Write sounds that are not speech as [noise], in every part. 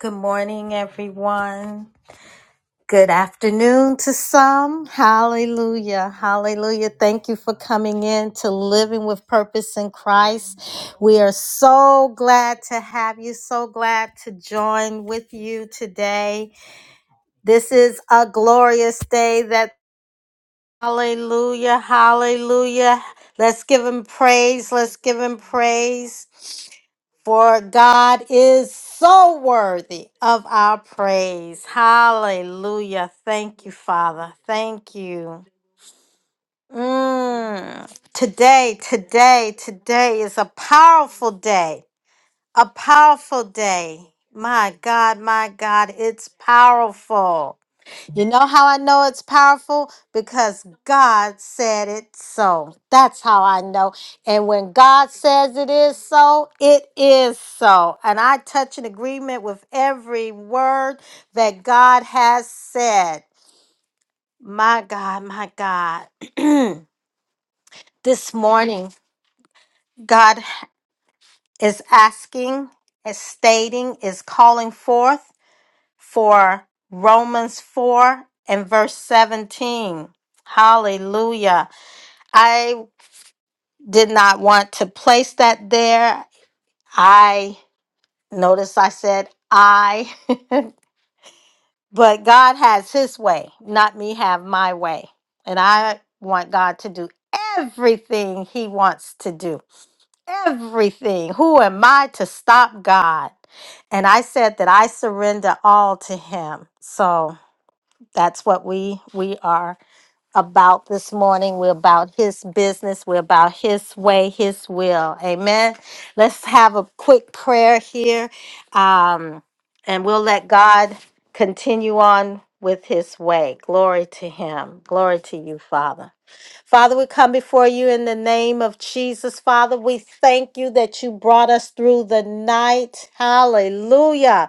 Good morning, everyone. Good afternoon to some. Hallelujah. Hallelujah. Thank you for coming in to Living with Purpose in Christ. We are so glad to have you, so glad to join with you today. This is a glorious day that, hallelujah, hallelujah. Let's give him praise. Let's give him praise. For God is so worthy of our praise. Hallelujah. Thank you, Father. Thank you. Mm. Today, today, today is a powerful day. A powerful day. My God, my God, it's powerful. You know how I know it's powerful? Because God said it so. That's how I know. And when God says it is so, it is so. And I touch an agreement with every word that God has said. My God, my God. [clears throat] this morning, God is asking, is stating, is calling forth for Romans 4 and verse 17. Hallelujah. I did not want to place that there. I notice I said I, [laughs] but God has his way, not me have my way. And I want God to do everything he wants to do. Everything. Who am I to stop God? And I said that I surrender all to him. So that's what we we are. about this morning. We're about his business. We're about his way, his will. Amen. Let's have a quick prayer here. Um, and we'll let God continue on with his way. Glory to him. Glory to you, Father. Father, we come before you in the name of Jesus. Father, we thank you that you brought us through the night. Hallelujah.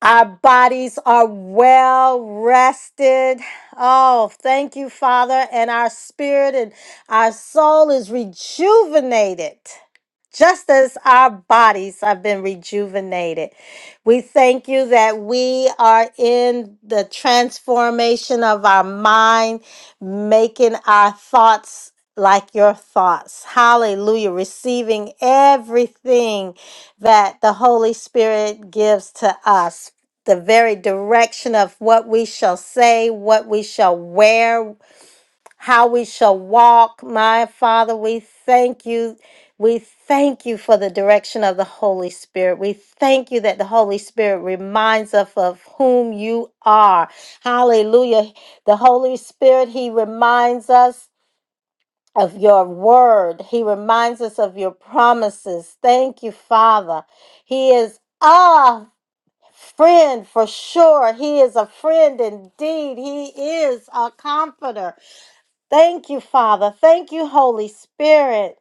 Our bodies are well rested. Oh, thank you, Father. And our spirit and our soul is rejuvenated, just as our bodies have been rejuvenated. We thank you that we are in the transformation of our mind, making our thoughts like your thoughts. Hallelujah. Receiving everything that the Holy Spirit gives to us the very direction of what we shall say, what we shall wear, how we shall walk. My Father, we thank you. We thank you for the direction of the Holy Spirit. We thank you that the Holy Spirit reminds us of whom you are. Hallelujah. The Holy Spirit, He reminds us of your word, He reminds us of your promises. Thank you, Father. He is. Ah. Friend for sure. He is a friend indeed. He is a comforter. Thank you, Father. Thank you, Holy Spirit.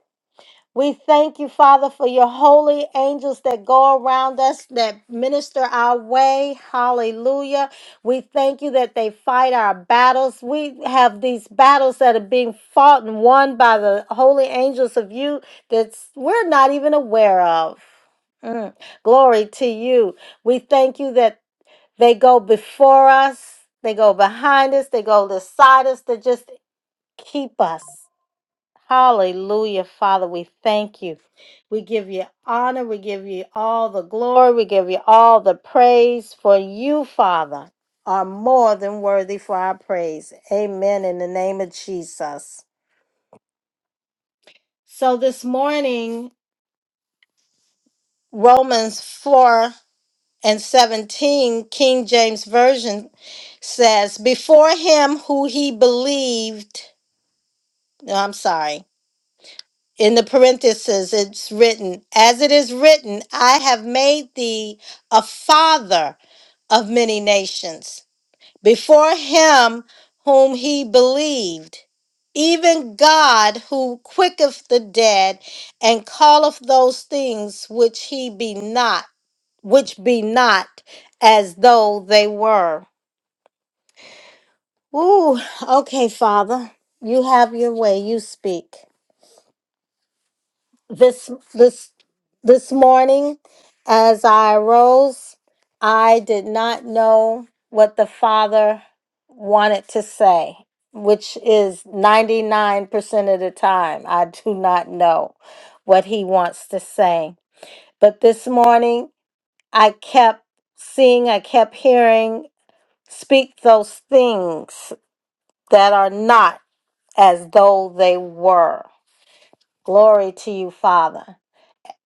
We thank you, Father, for your holy angels that go around us, that minister our way. Hallelujah. We thank you that they fight our battles. We have these battles that are being fought and won by the holy angels of you that we're not even aware of. Mm. Glory to you. We thank you that they go before us, they go behind us, they go beside us They just keep us. Hallelujah, Father. We thank you. We give you honor. We give you all the glory. We give you all the praise. For you, Father, are more than worthy for our praise. Amen. In the name of Jesus. So this morning, Romans 4 and 17, King James Version says, Before him who he believed, no, I'm sorry, in the parentheses, it's written, As it is written, I have made thee a father of many nations. Before him whom he believed, even God who quicketh the dead and calleth those things which he be not which be not as though they were. Ooh, okay, Father, you have your way. You speak this this this morning. As I arose, I did not know what the Father wanted to say, which is ninety nine percent of the time. I do not know what He wants to say, but this morning I kept seeing, I kept hearing Speak those things that are not as though they were. Glory to you, Father.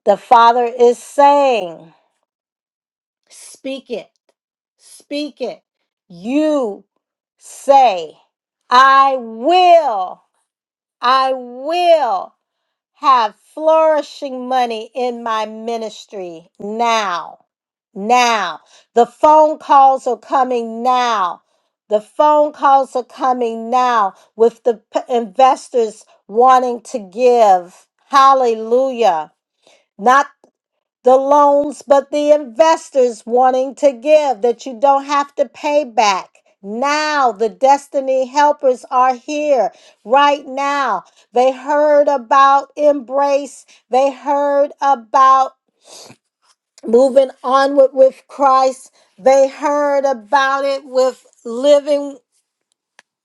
The Father is saying, Speak it, speak it. You say, I will, I will. have flourishing money in my ministry now. Now. The phone calls are coming now. The phone calls are coming now with the p- investors wanting to give. Hallelujah. Not the loans, but the investors wanting to give that you don't have to pay back. Now, the destiny helpers are here right now. They heard about embrace, they heard about moving onward with Christ, they heard about it with living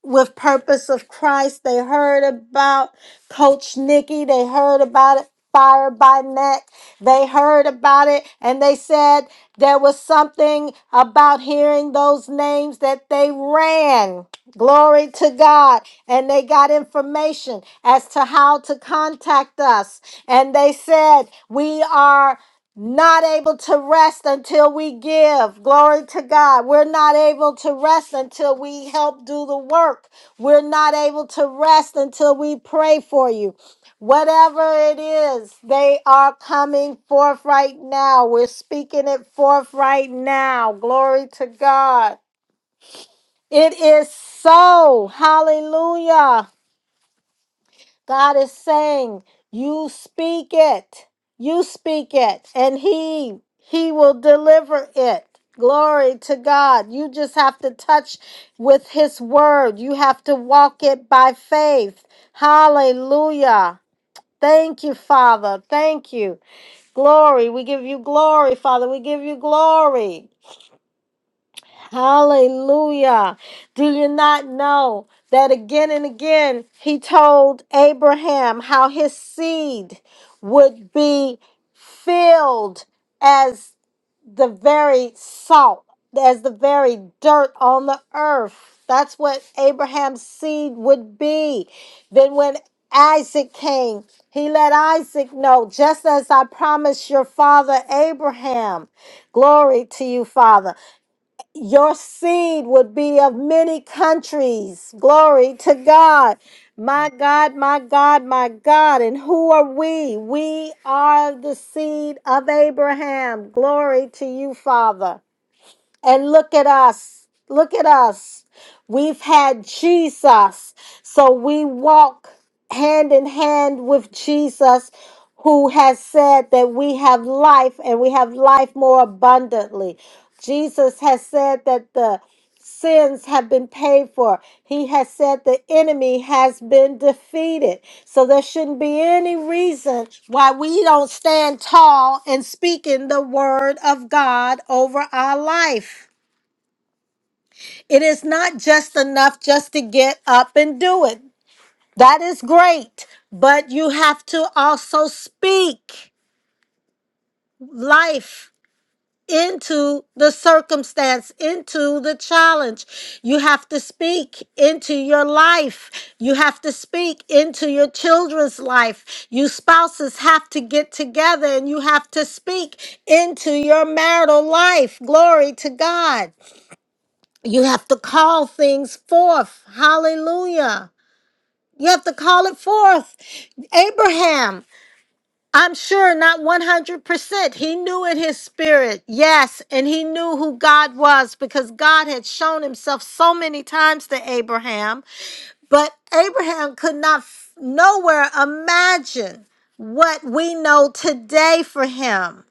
with Purpose of Christ. They heard about Coach Nikki. They heard about it. Fire by Net. They heard about it and they said there was something about hearing those names that they ran. Glory to God. And they got information as to how to contact us. And they said, We are not able to rest until we give. Glory to God. We're not able to rest until we help do the work. We're not able to rest until we pray for you. Whatever it is, they are coming forth right now. We're speaking it forth right now. Glory to God. It is so. Hallelujah. God is saying, you speak it. You speak it and he he will deliver it. Glory to God. You just have to touch with his word. You have to walk it by faith. Hallelujah. Thank you, Father. Thank you. Glory. We give you glory, Father. We give you glory. Hallelujah. Do you not know that again and again he told Abraham how his seed would be filled as the very salt, as the very dirt on the earth? That's what Abraham's seed would be. Then when Isaac came, he let Isaac know, just as I promised your father Abraham. Glory to you, Father your seed would be of many countries. Glory to God. My God, my God, my God. And who are we? We are the seed of Abraham. Glory to you, Father. And look at us. Look at us. We've had Jesus. So we walk hand in hand with Jesus, who has said that we have life and we have life more abundantly. Jesus has said that the sins have been paid for. He has said the enemy has been defeated. So there shouldn't be any reason why we don't stand tall in speaking the word of God over our life. It is not just enough just to get up and do it. That is great, but you have to also speak life into the circumstance, into the challenge. You have to speak into your life. You have to speak into your children's life. You spouses have to get together and you have to speak into your marital life. Glory to God. You have to call things forth. Hallelujah. You have to call it forth. Abraham I'm sure not 100%. He knew in his spirit, yes, and he knew who God was because God had shown himself so many times to Abraham. But Abraham could not f- nowhere imagine what we know today for him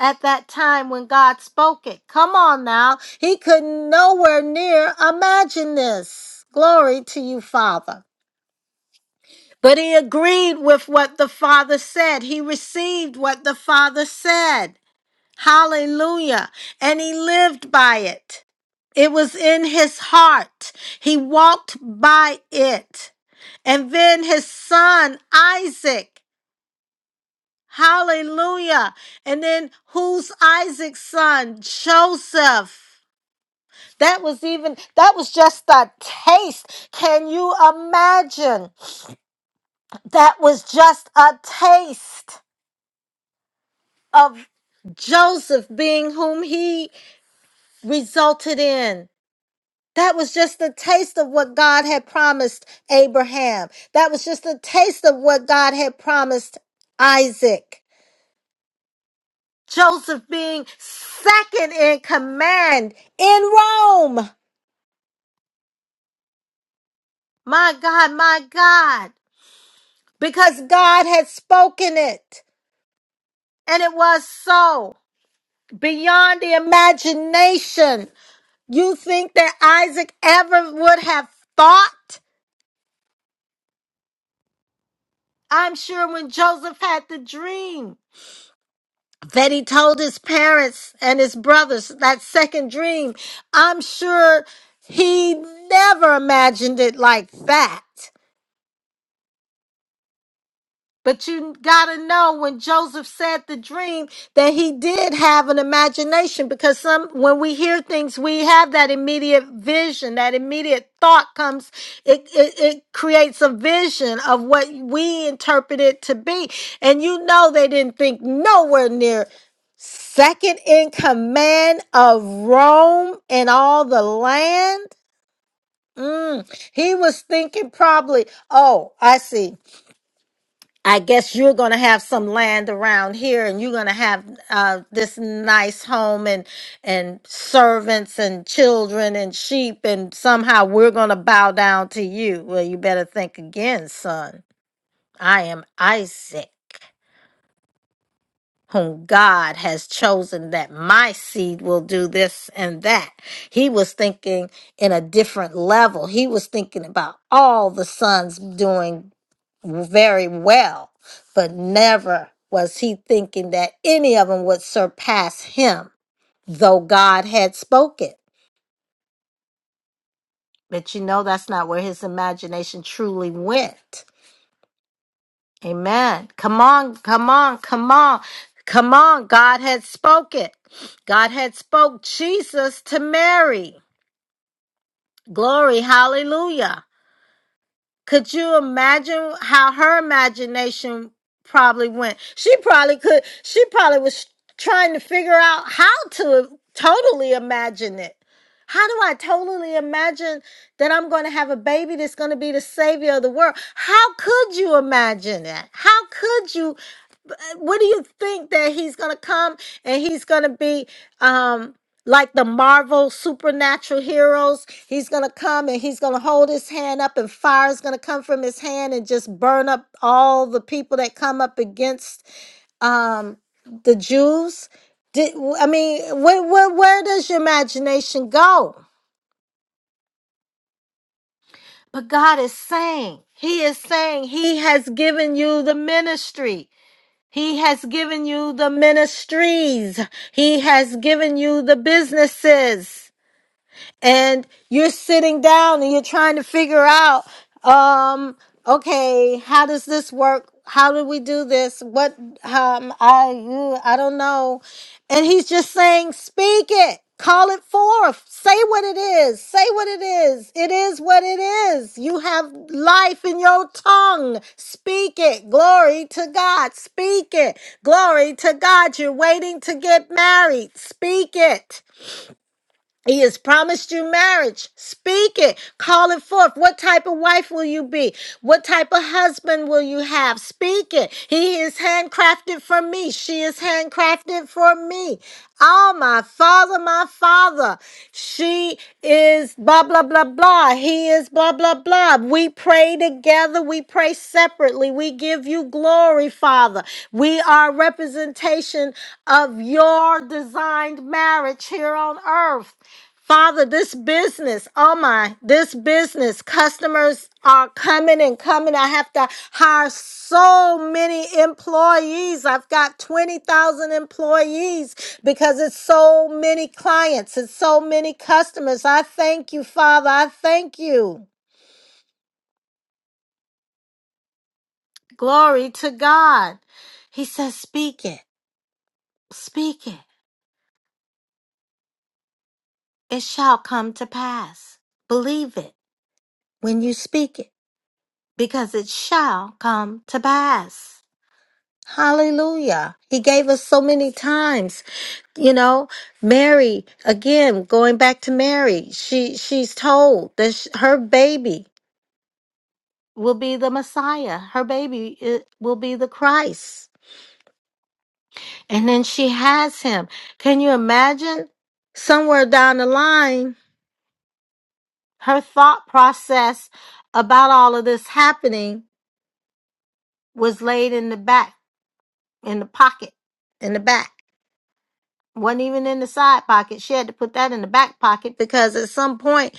at that time when God spoke it. Come on now. He could nowhere near imagine this. Glory to you, Father. But he agreed with what the Father said. He received what the Father said. Hallelujah. And he lived by it. It was in his heart. He walked by it. And then his son, Isaac. Hallelujah. And then who's Isaac's son? Joseph. That was even, that was just a taste. Can you imagine? That was just a taste. of Joseph being whom he resulted in. That was just a taste of what God had promised Abraham. That was just a taste of what God had promised Isaac. Joseph being second in command in Rome. My God, my God. Because God had spoken it. And it was so beyond the imagination. You think that Isaac ever would have thought I'm sure when Joseph had the dream that he told his parents and his brothers, that second dream, I'm sure he never imagined it like that. But you got to know when Joseph said the dream that he did have an imagination because some when we hear things we have that immediate vision, that immediate thought comes it it, it creates a vision of what we interpret it to be. And you know they didn't think nowhere near second in command of Rome and all the land. Mm. He was thinking probably, oh, I see. I guess you're going to have some land around here and you're going to have uh, this nice home and and servants and children and sheep and somehow we're going to bow down to you. Well, you better think again, son. I am Isaac, whom God has chosen that my seed will do this and that. He was thinking in a different level. He was thinking about all the sons doing very well, but never was he thinking that any of them would surpass him, though God had spoken. But you know, that's not where his imagination truly went. Amen. Come on, come on, come on, come on. God had spoken. God had spoke Jesus to Mary. Glory, hallelujah. Could you imagine how her imagination probably went? She probably could, she probably was trying to figure out how to totally imagine it. How do I totally imagine that I'm going to have a baby that's going to be the savior of the world? How could you imagine that? How could you? uh, What do you think that he's going to come and he's going to be? Um, like the Marvel supernatural heroes. He's going to come and he's going to hold his hand up, and fire is going to come from his hand and just burn up all the people that come up against um, the Jews. Did, I mean, where, where, where does your imagination go? But God is saying, He is saying, He has given you the ministry. He has given you the ministries. He has given you the businesses. and you're sitting down and you're trying to figure out um okay how does this work how do we do this what um i you- i don't know and he's just saying speak it call it forth say what it is say what it is it is what it is you have life in your tongue speak it glory to god speak it glory to god you're waiting to get married speak it he has promised you marriage. Speak it. Call it forth. What type of wife will you be? What type of husband will you have? Speak it. He is handcrafted for me. She is handcrafted for me. Oh, my father, my father. She is blah, blah, blah, blah. He is blah, blah, blah. We pray together. We pray separately. We give you glory, Father. We are a representation of your designed marriage here on earth. Father, this business, oh my, this business, customers are coming and coming. I have to hire so many employees. I've got 20,000 employees because it's so many clients, it's so many customers. I thank you, Father. I thank you. Glory to God. He says, Speak it, speak it. It shall come to pass. Believe it when you speak it because it shall come to pass. Hallelujah. He gave us so many times. You know, Mary, again, going back to Mary, she she's told that sh her baby will be the Messiah. Her baby i- will be the Christ. And then she has him. Can you imagine somewhere down the line, her thought process about all of this happening was laid in the back, in the pocket, in the back. wasn't even in the side pocket. She had to put that in the back pocket because at some point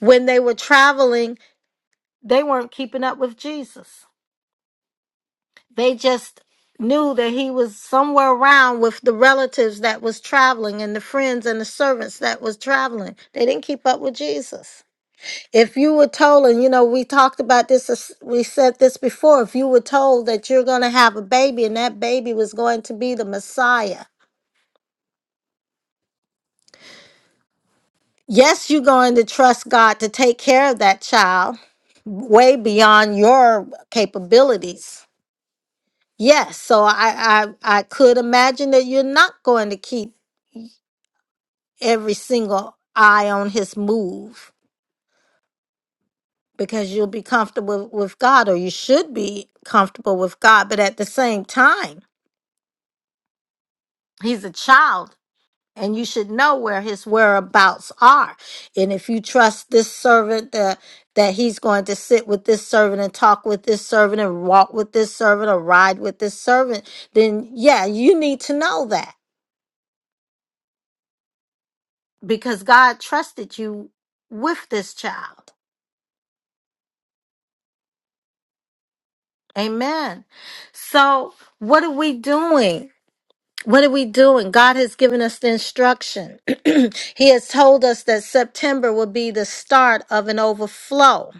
when they were traveling, they weren't keeping up with Jesus. They just knew that he was somewhere around with the relatives that was traveling and the friends and the servants that was traveling. They didn't keep up with Jesus. If you were told, and you know, we talked about this, we said this before, if you were told that you're going to have a baby and that baby was going to be the Messiah, Yes, you're going to trust God to take care of that child way beyond your capabilities. Yes, so I I, I could imagine that you're not going to keep every single eye on his move because you'll be comfortable with God or you should be comfortable with God. But at the same time, he's a child and you should know where his whereabouts are. And if you trust this servant that that he's going to sit with this servant and talk with this servant and walk with this servant or ride with this servant, then yeah, you need to know that because God trusted you with this child. Amen. So, what are we doing? What are we doing? God has given us the instruction. [clears throat] he has told us that September will be the start of an overflow.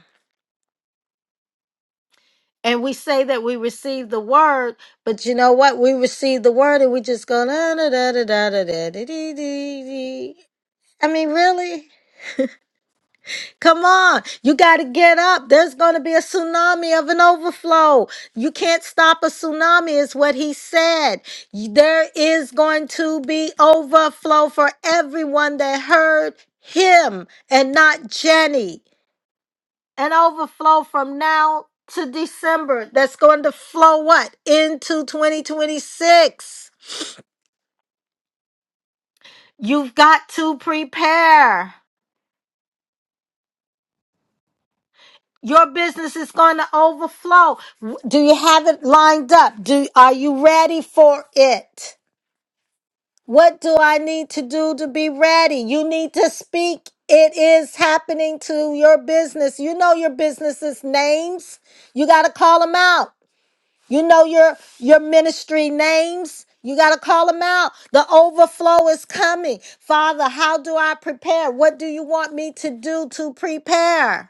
and we say that we receive the word, but you know what? We receive the word and we just go da da da da da da da da dee, dee, dee. I mean, really? Come on. You got to get up. There's going to be a tsunami of an overflow. You can't stop a tsunami, is what he said. You- There is going to be overflow for everyone that heard him and not Jenny an overflow from now to December that's going to flow what? Into 2026. You've got to prepare. Your business is going to overflow. W- Do you have it lined up? Do are you ready for it? What do I need to do to be ready? You need to speak. It is happening to your business. You know your business's names. You got to call them out. You know your your ministry names. You got to call them out. The overflow is coming. Father, how do I prepare? What do you want me to do to prepare?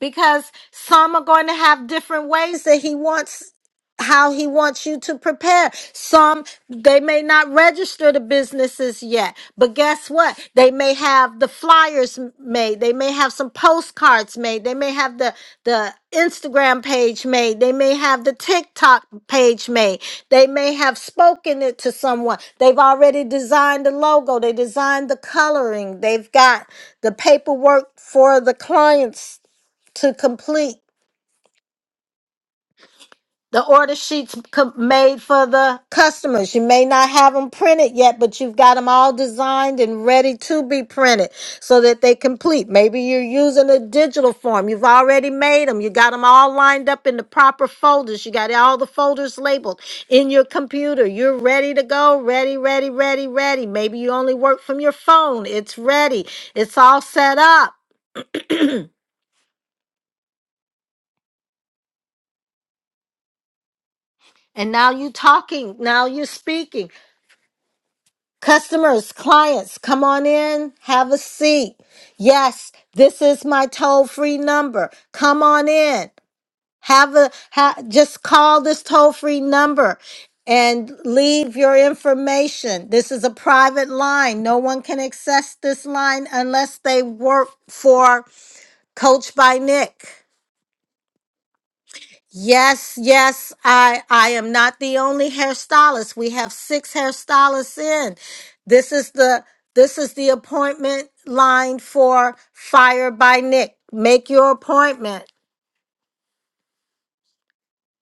because some are going to have different ways that he wants how he wants you to prepare. Some they may not register the businesses yet, but guess what? They may have the flyers m- made. They may have some postcards made. They may have the the Instagram page made. They may have the TikTok page made. They may have spoken it to someone. They've already designed the logo. They designed the coloring. They've got the paperwork for the clients to complete The order sheets com- made for the customers. You may not have them printed yet, but you've got them all designed and ready to be printed so that they complete. Maybe you're using a digital form. You've already made them. You got them all lined up in the proper folders. You got all the folders labeled in your computer. You're ready to go. Ready, ready, ready, ready. Maybe you only work from your phone. It's ready. It's all set up. And now you are talking, now you're speaking. Customers, clients, come on in, have a seat. Yes, this is my toll-free number. Come on in. Have a ha, just call this toll-free number and leave your information. This is a private line. No one can access this line unless they work for Coach by Nick. Yes, yes, I I am not the only hairstylist. We have six hairstylists in. This is the this is the appointment line for Fire by Nick. Make your appointment.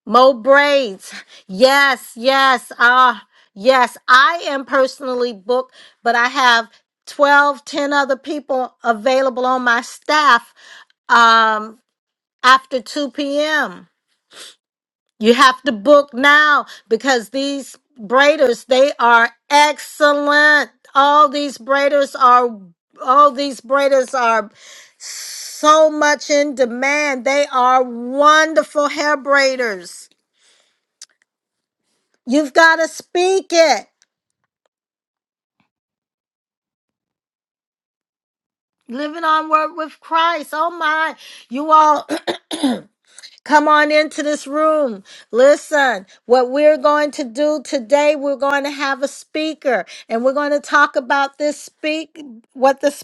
Mo braids. Yes, yes. Ah, yes. I am personally booked, but I have 12, 10 other people available on my staff um after 2 p.m. You have to book now because these braiders, they are excellent. All these braiders are all these braiders are so much in demand. They are wonderful hair braiders. You've got to speak it. Living on word with Christ. Oh my. You all [clears throat] Come on into this room. Listen, what we're going to do today, we're going to have a speaker and we're going to talk about this speak, what this,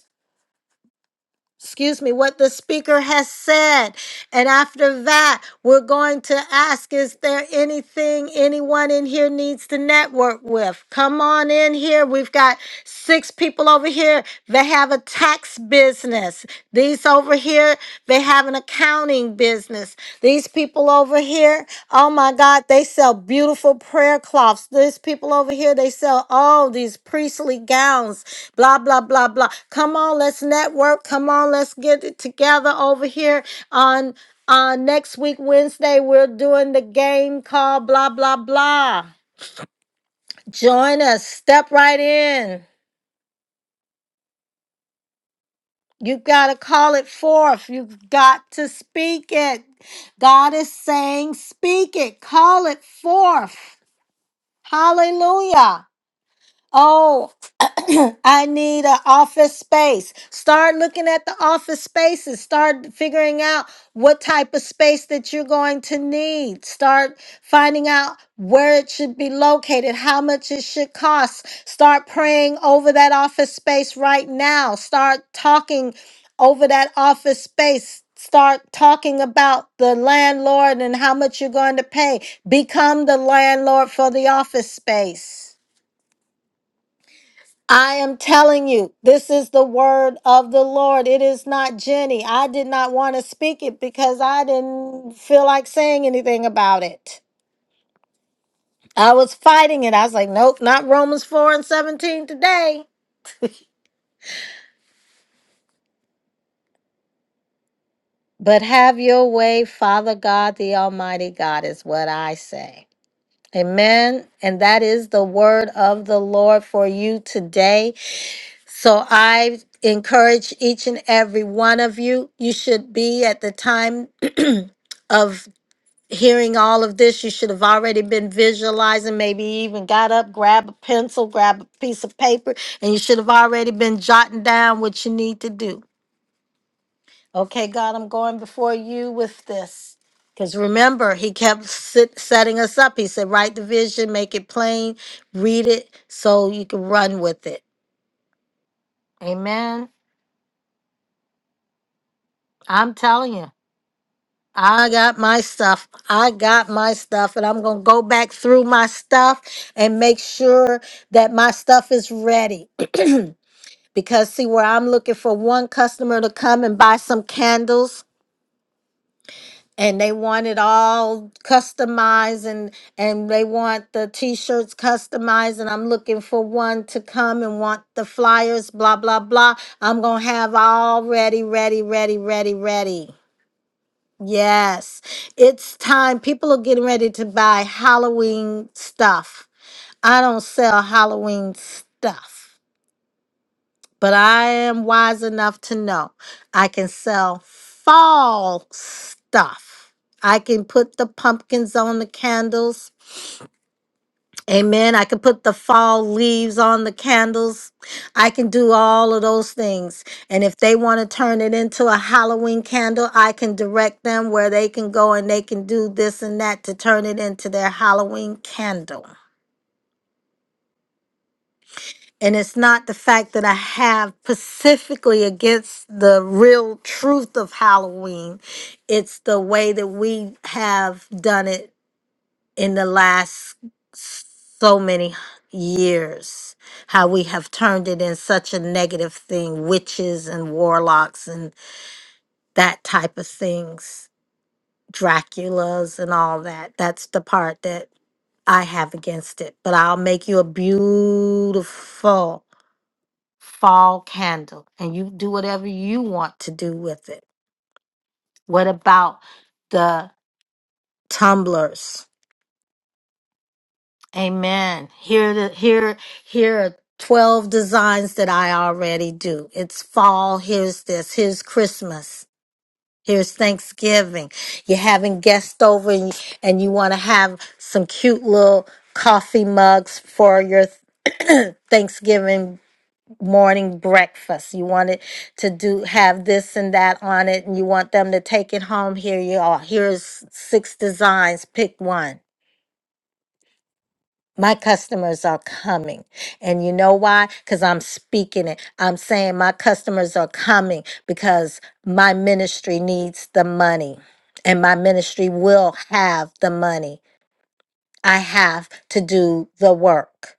excuse me, what the speaker has said. And after that, we're going to ask, is there anything anyone in here needs to network with? Come on in here. We've got six people over here that have a tax business. These over here, they have an accounting business. These people over here, oh my God, they sell beautiful prayer cloths. These people over here, they sell all these priestly gowns, blah, blah, blah, blah. Come on, let's network. Come on, let's get it together over here on uh, next week, Wednesday. We're doing the game called blah, blah, blah. Join us. Step right in. You got to call it forth. You've got to speak it. God is saying, speak it, call it forth. Hallelujah. Oh, [clears throat] I need an office space. Start looking at the office spaces. Start figuring out what type of space that you're going to need. Start finding out where it should be located, how much it should cost. Start praying over that office space right now. Start talking over that office space. Start talking about the landlord and how much you're going to pay. Become the landlord for the office space. I am telling you, this is the word of the Lord. It is not Jenny. I did not want to speak it because I didn't feel like saying anything about it. I was fighting it. I was like, nope, not Romans 4 and 17 today. But have your way, Father God, the Almighty God, is what I say. Amen. And that is the word of the Lord for you today. So I encourage each and every one of you, you should be at the time [clears throat] of hearing all of this, you should have already been visualizing, maybe even got up, grab a pencil, grab a piece of paper, and you should have already been jotting down what you need to do. Okay, God, I'm going before you with this. Because remember, he kept sit, setting us up. He said, Write the vision, make it plain, read it so you can run with it. Amen. I'm telling you. I got my stuff. I got my stuff, and I'm going to go back through my stuff and make sure that my stuff is ready. [clears throat] because, see, where I'm looking for one customer to come and buy some candles. And they want it all customized, and and they want the T-shirts customized. And I'm looking for one to come and want the flyers, blah blah blah. I'm gonna have all ready, ready, ready, ready, ready. Yes, it's time. People are getting ready to buy Halloween stuff. I don't sell Halloween stuff, but I am wise enough to know I can sell fall stuff. I can put the pumpkins on the candles. Amen. I can put the fall leaves on the candles. I can do all of those things. And if they want to turn it into a Halloween candle, I can direct them where they can go and they can do this and that to turn it into their Halloween candle. And it's not the fact that I have specifically against the real truth of Halloween. It's the way that we have done it in the last so many years how we have turned it in such a negative thing witches and warlocks and that type of things draculas and all that that's the part that i have against it but i'll make you a beautiful fall candle and you do whatever you want to do with it what about the tumblers Amen. Here, the, here, here are 12 designs that I already do. It's fall. Here's this. Here's Christmas. Here's Thanksgiving. You're having guests over and you, and you want to have some cute little coffee mugs for your [clears throat] Thanksgiving morning breakfast. You want it to do have this and that on it and you want them to take it home. Here you are. Here's six designs. Pick one. My customers are coming. And you know why? Because I'm speaking it. I'm saying my customers are coming because my ministry needs the money and my ministry will have the money. I have to do the work.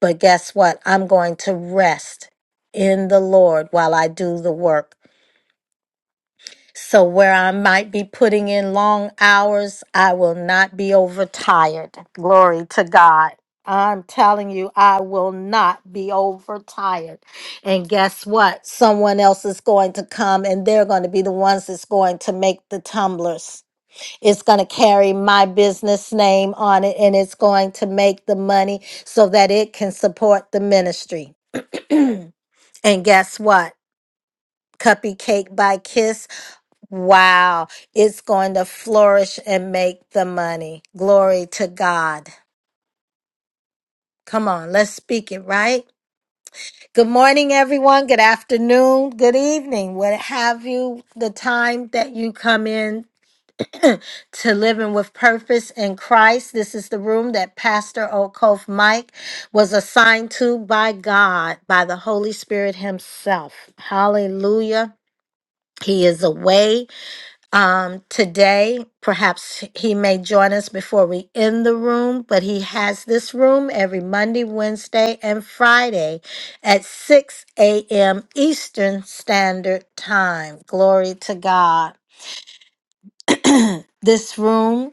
But guess what? I'm going to rest in the Lord while I do the work so, where I might be putting in long hours, I will not be overtired. Glory to God. I'm telling you, I will not be overtired. And guess what? Someone else is going to come and they're going to be the ones that's going to make the tumblers. It's going to carry my business name on it and it's going to make the money so that it can support the ministry. [clears throat] and guess what? Cuppy Cake by Kiss Wow. It's going to flourish and make the money. Glory to God. Come on, let's speak it, right? Good morning, everyone. Good afternoon. Good evening. What have you, the time that you come in to living with purpose in Christ. This is the room that Pastor Okof Mike was assigned to by God, by the Holy Spirit Himself. Hallelujah. He is away. um, today. Perhaps he may join us before we end the room, but he has this room every Monday, Wednesday, and Friday at 6 a.m. Eastern Standard Time. Glory to God. This room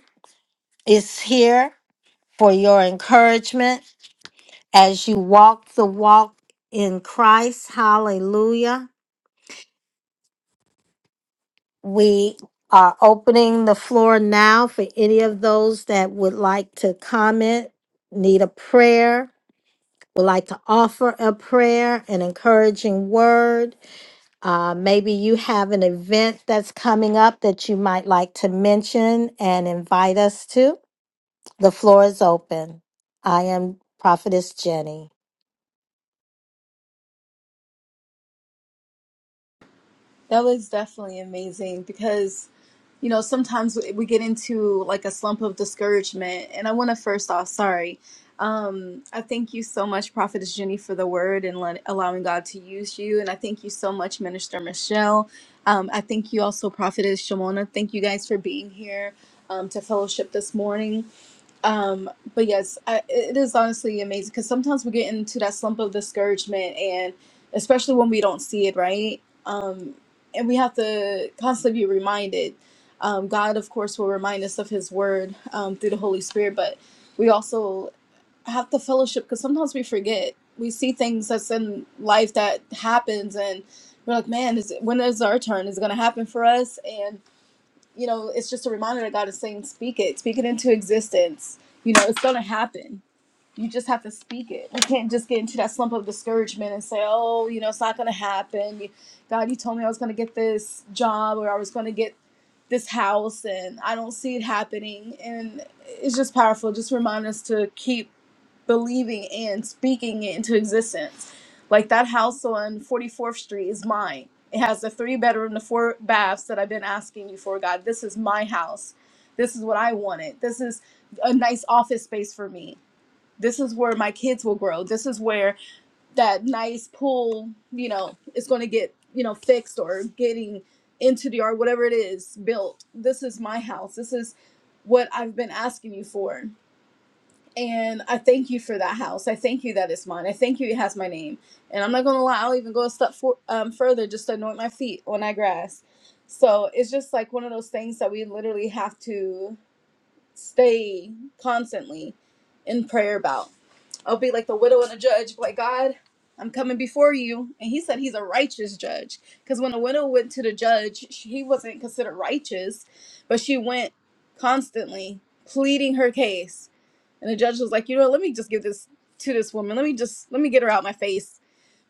is here for your encouragement as you walk the walk in Christ. Hallelujah. We are opening the floor now for any of those that would like to comment, need a prayer, would like to offer a prayer, an encouraging word. Uh, maybe you have an event that's coming up that you might like to mention and invite us to. The floor is open. I am Prophetess Jenny. That was definitely amazing because, you know, sometimes we we get into like a slump of discouragement. And I want to first off, sorry. Um, I thank you so much, Prophetess Jenny, for the word and let, allowing God to use you. And I thank you so much, Minister Michelle. Um, I thank you also, Prophetess Shimona. Thank you guys for being here um, to fellowship this morning. Um, but yes, I, it is honestly amazing because sometimes we get into that slump of discouragement and especially when we don't see it, right? and we have to constantly be reminded. Um, God, of course, will remind us of His Word um, through the Holy Spirit, but we also have to fellowship because sometimes we forget. We see things that's in life that happens, and we're like, "Man, is it, when is our turn? Is it going to happen for us?" And you know, it's just a reminder that God is saying, "Speak it, speak it into existence." You know, it's going to happen you just have to speak it. You can't just get into that slump of discouragement and say, oh, you know, it's not going to happen. You- God, you told me I was going to get this job or I was going to get this house and I don't see it happening. And it's just powerful. Just remind us to keep believing and speaking it into existence. Like that house on 44th Street is mine. It has the three bedroom, the four baths that I've been asking you for, God. This is my house. This is what I wanted. This is a nice office space for me this is where my kids will grow. This is where that nice pool, you know, is going to get, you know, fixed or getting into the yard, whatever it is, built. This is my house. This is what I've been asking you for. And I thank you for that house. I thank you that it's mine. I thank you it has my name. And I'm not going to lie, I'll even go a step for, um, further just to anoint my feet on that grass. So it's just like one of those things that we literally have to stay constantly in prayer about. I'll be like the widow and the judge, like, God, I'm coming before you. And he said he's a righteous judge. Because when the widow went to the judge, she, he wasn't considered righteous, but she went constantly pleading her case. And the judge was like, you know, let me just give this to this woman. Let me just, let me get her out my face.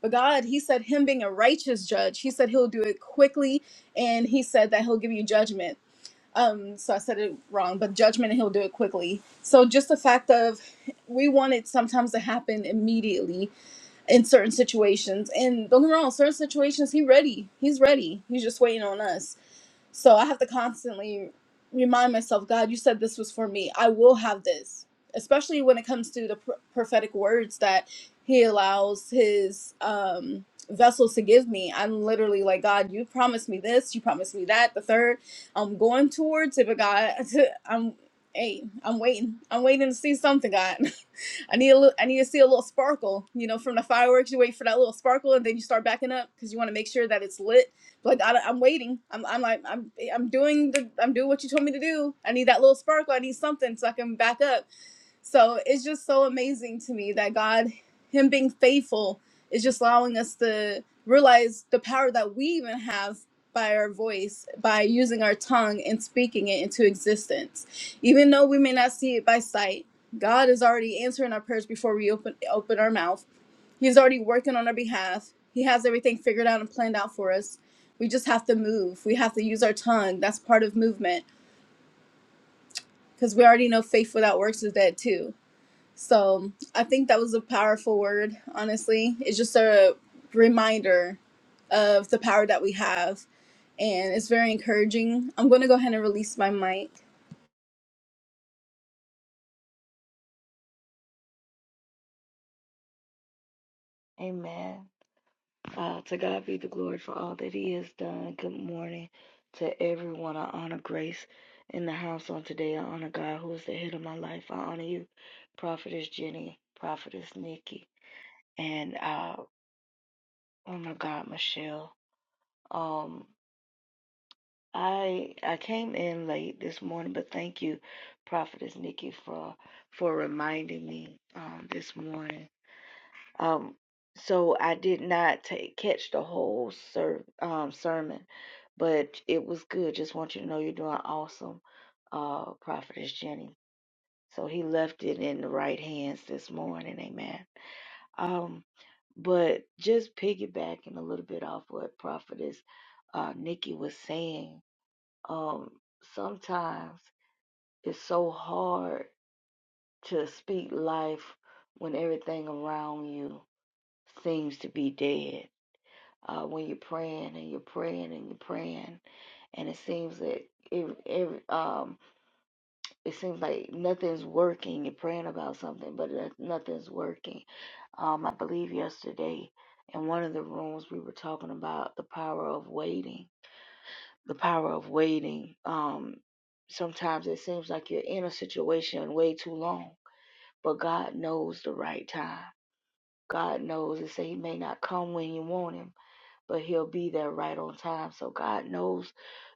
But God, he said, him being a righteous judge, he said he'll do it quickly. And he said that he'll give you judgment um so i said it wrong but judgment and he'll do it quickly so just the fact of we want it sometimes to happen immediately in certain situations and don't get me wrong certain situations he ready he's ready he's just waiting on us so I have to constantly remind myself, God, you said this was for me. I will have this, especially when it comes to the pr- prophetic words that He allows His um, vessels to give me. I'm literally like, God, you promised me this, you promised me that. The third, I'm going towards it, but God, [laughs] I'm. Hey, I'm waiting. I'm waiting to see something, God. [laughs] I need a little, I need to see a little sparkle, you know, from the fireworks. You wait for that little sparkle, and then you start backing up because you want to make sure that it's lit. But like, I, I'm waiting. I'm, I'm like, I'm, I'm doing the, I'm doing what you told me to do. I need that little sparkle. I need something so I can back up so it's just so amazing to me that God, Him being faithful, is just allowing us to realize the power that we even have by our voice, by using our tongue and speaking it into existence. Even though we may not see it by sight, God is already answering our prayers before we open open our mouth. He's already working on our behalf. He has everything figured out and planned out for us. We just have to move. We have to use our tongue. That's part of movement because we already know faith without works is dead too. So I think that was a powerful word, honestly. It's just a reminder of the power that we have, and it's very encouraging. I'm going to go ahead and release my mic. Amen. Uh, to God be the glory for all that He has done. Good morning to everyone. I honor grace in the house on today. I honor God who is the head of my life. I honor you, Prophetess Jenny, Prophetess Nikki, and uh, oh my God, Michelle. Um, I I came in late this morning, but thank you, Prophetess Nikki, for for reminding me um, this morning. Um, so I did not take, catch the whole ser- um, sermon, but it was good. Just want you to know you're doing awesome, uh, Prophetess Jenny. So he left it in the right hands this morning. Amen. Um, but just piggybacking a little bit off what Prophetess uh, Nikki was saying, um, sometimes it's so hard to speak life when everything around you seems to be dead uh, when you're praying and you're praying and you're praying, and it seems that it, it um it seems like nothing's working. You're praying about something, but it- nothing's working. Um, I believe yesterday in one of the rooms we were talking about the power of waiting. The power of waiting. Um, sometimes it seems like you're in a situation way too long, but God knows the right time. God knows. It say He may not come when you want Him but he'll be there right on time. So God knows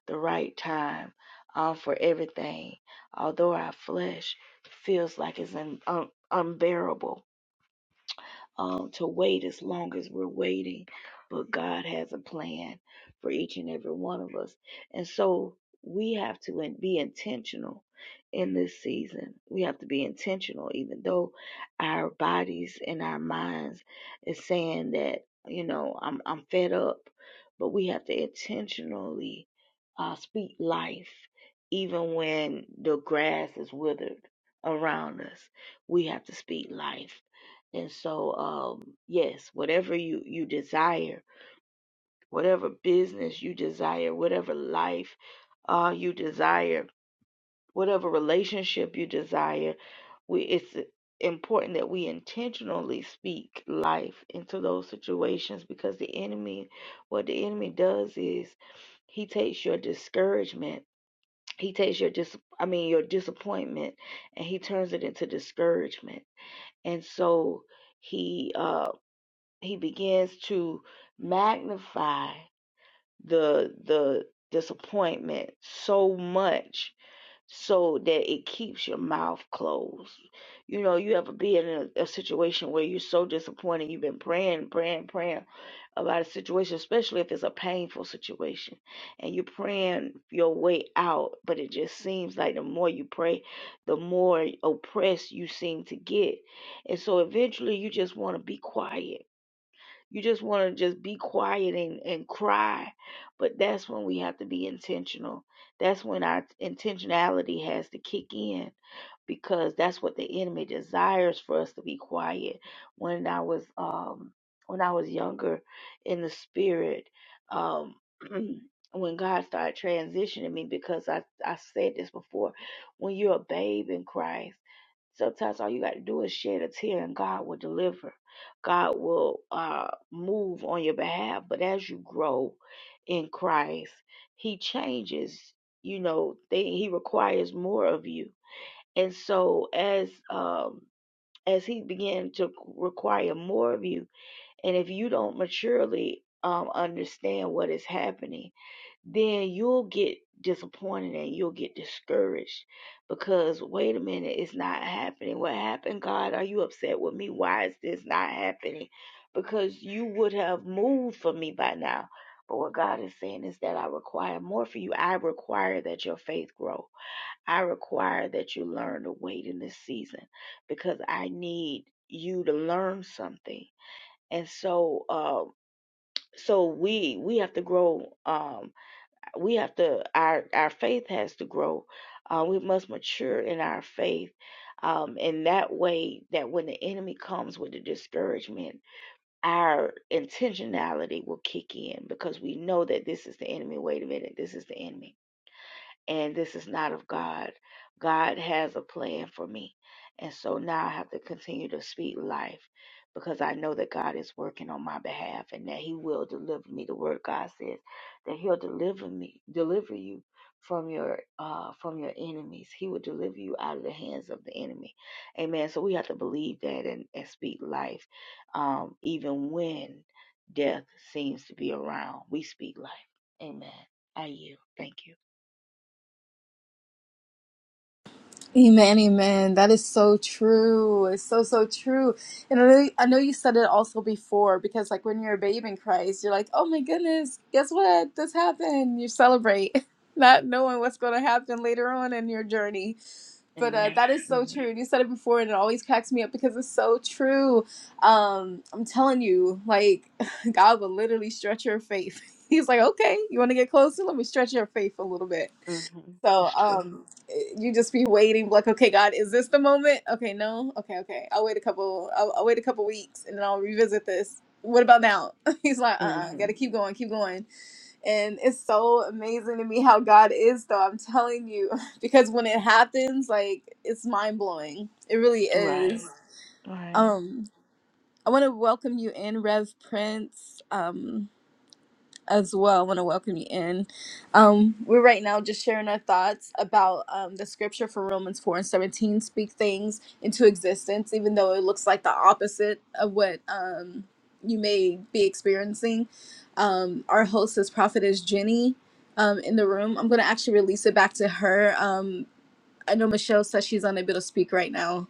the right time um, for everything. Although our flesh feels like it's un- un- unbearable, um, to wait as long as we're waiting. But God has a plan for each and every one of us. And so we have to in- be intentional in this season. We have to be intentional, even though our bodies and our minds is saying that, you know, I'm, I'm fed up. But we have to intentionally uh, speak life, even when the grass is withered around us. We have to speak life and so, um, yes, whatever you, you desire, whatever business you desire, whatever life uh, you desire, whatever relationship you desire, we, it's important that we intentionally speak life into those situations because the enemy, what the enemy does is he takes your discouragement, he takes your dis, I mean your disappointment, and he turns it into discouragement. And so, he. um, he begins to magnify the the disappointment so much so that it keeps your mouth closed. You know, you ever be in a, a situation where you're so disappointed, you've been praying, praying, praying about a situation, especially if it's a painful situation, and you're praying your way out, but it just seems like the more you pray, the more oppressed you seem to get. And so eventually you just want to be quiet you just want to just be quiet and, and cry. But that's when we have to be intentional. That's when our intentionality has to kick in because that's what the enemy desires for us to be quiet. When I was um when I was younger in the spirit, um [clears throat] when God started transitioning me because I, I said this before, when you're a babe in Christ, sometimes all you gotta do is shed a tear and God will deliver God will uh, move on your behalf. But as you grow in Christ, He changes, you know, they, He requires more of you. And so as um, as He began to require more of you, and if you don't maturely um, understand what is happening, then you'll get disappointed and you'll get discouraged because wait a minute, it's not happening. What happened, God? Are you upset with me? Why is this not happening? Because you would have moved for me by now. But what God is saying is that I require more for you. I require that your faith grow. I require that you learn to wait in this season because I need you to learn something and so um so we we have to grow um we have to our our faith has to grow uh, we must mature in our faith um in that way that when the enemy comes with the discouragement our intentionality will kick in because we know that this is the enemy wait a minute this is the enemy and this is not of God. God has a plan for me. And so now I have to continue to speak life because I know that God is working on my behalf and that He will deliver me. The word God says that He'll deliver me, deliver you from your uh from your enemies. He will deliver you out of the hands of the enemy. Amen. So we have to believe that and, and speak life. Um even when death seems to be around. We speak life. Amen. I yield. Thank you. Amen, amen. That is so true. It's so so true. And I know, I know you said it also before because like when you're a babe in Christ, you're like, oh my goodness, guess what? This happened. You celebrate, [laughs] not knowing what's going to happen later on in your journey. But uh, Amen. that is hmm so true. And you said it before, and it always cracks me up because it's so true. Um, I'm telling you, like, [laughs] God will literally stretch your faith. [laughs] He's like, okay, you want to get closer? Let me stretch your faith a little bit. hmm So It's true. um, eh, you just be waiting, like, okay, God, is this the moment? Okay, no, okay, okay. I'll wait a couple. I'll, I'll wait a couple weeks, and then I'll revisit this. What about now? [laughs] He's like, uh, uh hmm gotta keep going, keep going. And it's so amazing to me how God is, though. I'm telling you, [laughs] because when it happens, like it's mind blowing. It really is. Right. Right. Um, I want to welcome you in, Rev Prince. Um, as well. I want to welcome you in. Um, we're right now just sharing our thoughts about um, the scripture for Romans 4 and 17 speak things into existence, even though it looks like the opposite of what um, you may be experiencing. Um, our host is Prophetess Jenny um, in the room. I'm going to actually release it back to her. Um, I know Michelle says she's unable to speak right now.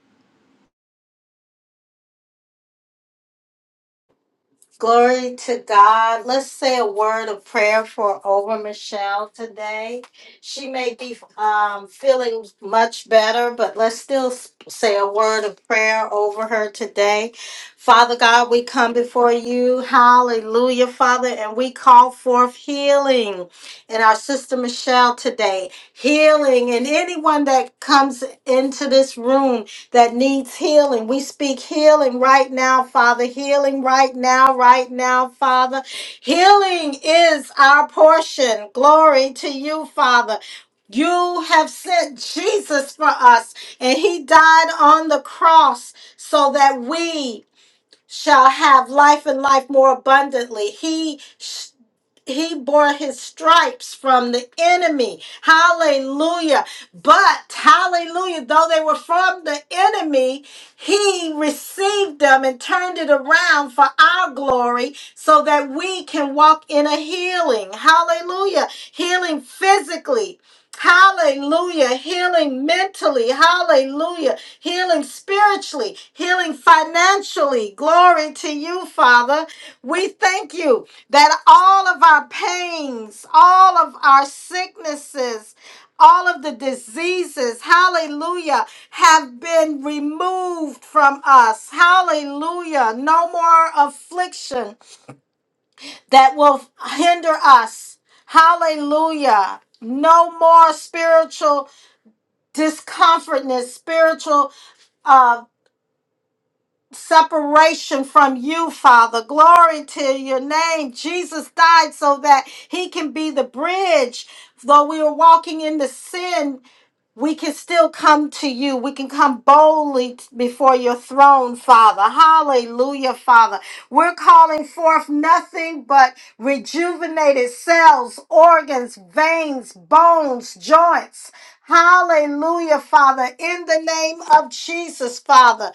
Glory to God. Let's say a word of prayer for over Michelle today. She may be um, feeling much better, but let's still s- say a word of prayer over her today. Father God, we come before you. Hallelujah, Father. And we call forth healing in our sister Michelle today. Healing in anyone that comes into this room that needs healing. We speak healing right now, Father. Healing right now, right now, Father. Healing is our portion. Glory to you, Father. You have sent Jesus for us, and he died on the cross so that we shall have life and life more abundantly. He he bore his stripes from the enemy. Hallelujah. But, hallelujah, though they were from the enemy, he received them and turned it around for our glory so that we can walk in a healing. Hallelujah. Healing physically. Hallelujah. Healing mentally. Hallelujah. Healing spiritually. Healing financially. Glory to you, Father. We thank you that all of our pains, all of our sicknesses, all of the diseases, hallelujah, have been removed from us. Hallelujah. No more affliction that will hinder us. Hallelujah. No more spiritual discomfortness, spiritual uh, separation from you, Father. Glory to your name. Jesus died so that he can be the bridge. Though we were walking in the sin we can still come to you. We can come boldly t- before your throne, Father. Hallelujah, Father. We're calling forth nothing but rejuvenated cells, organs, veins, bones, joints. Hallelujah, Father. In the name of Jesus, Father.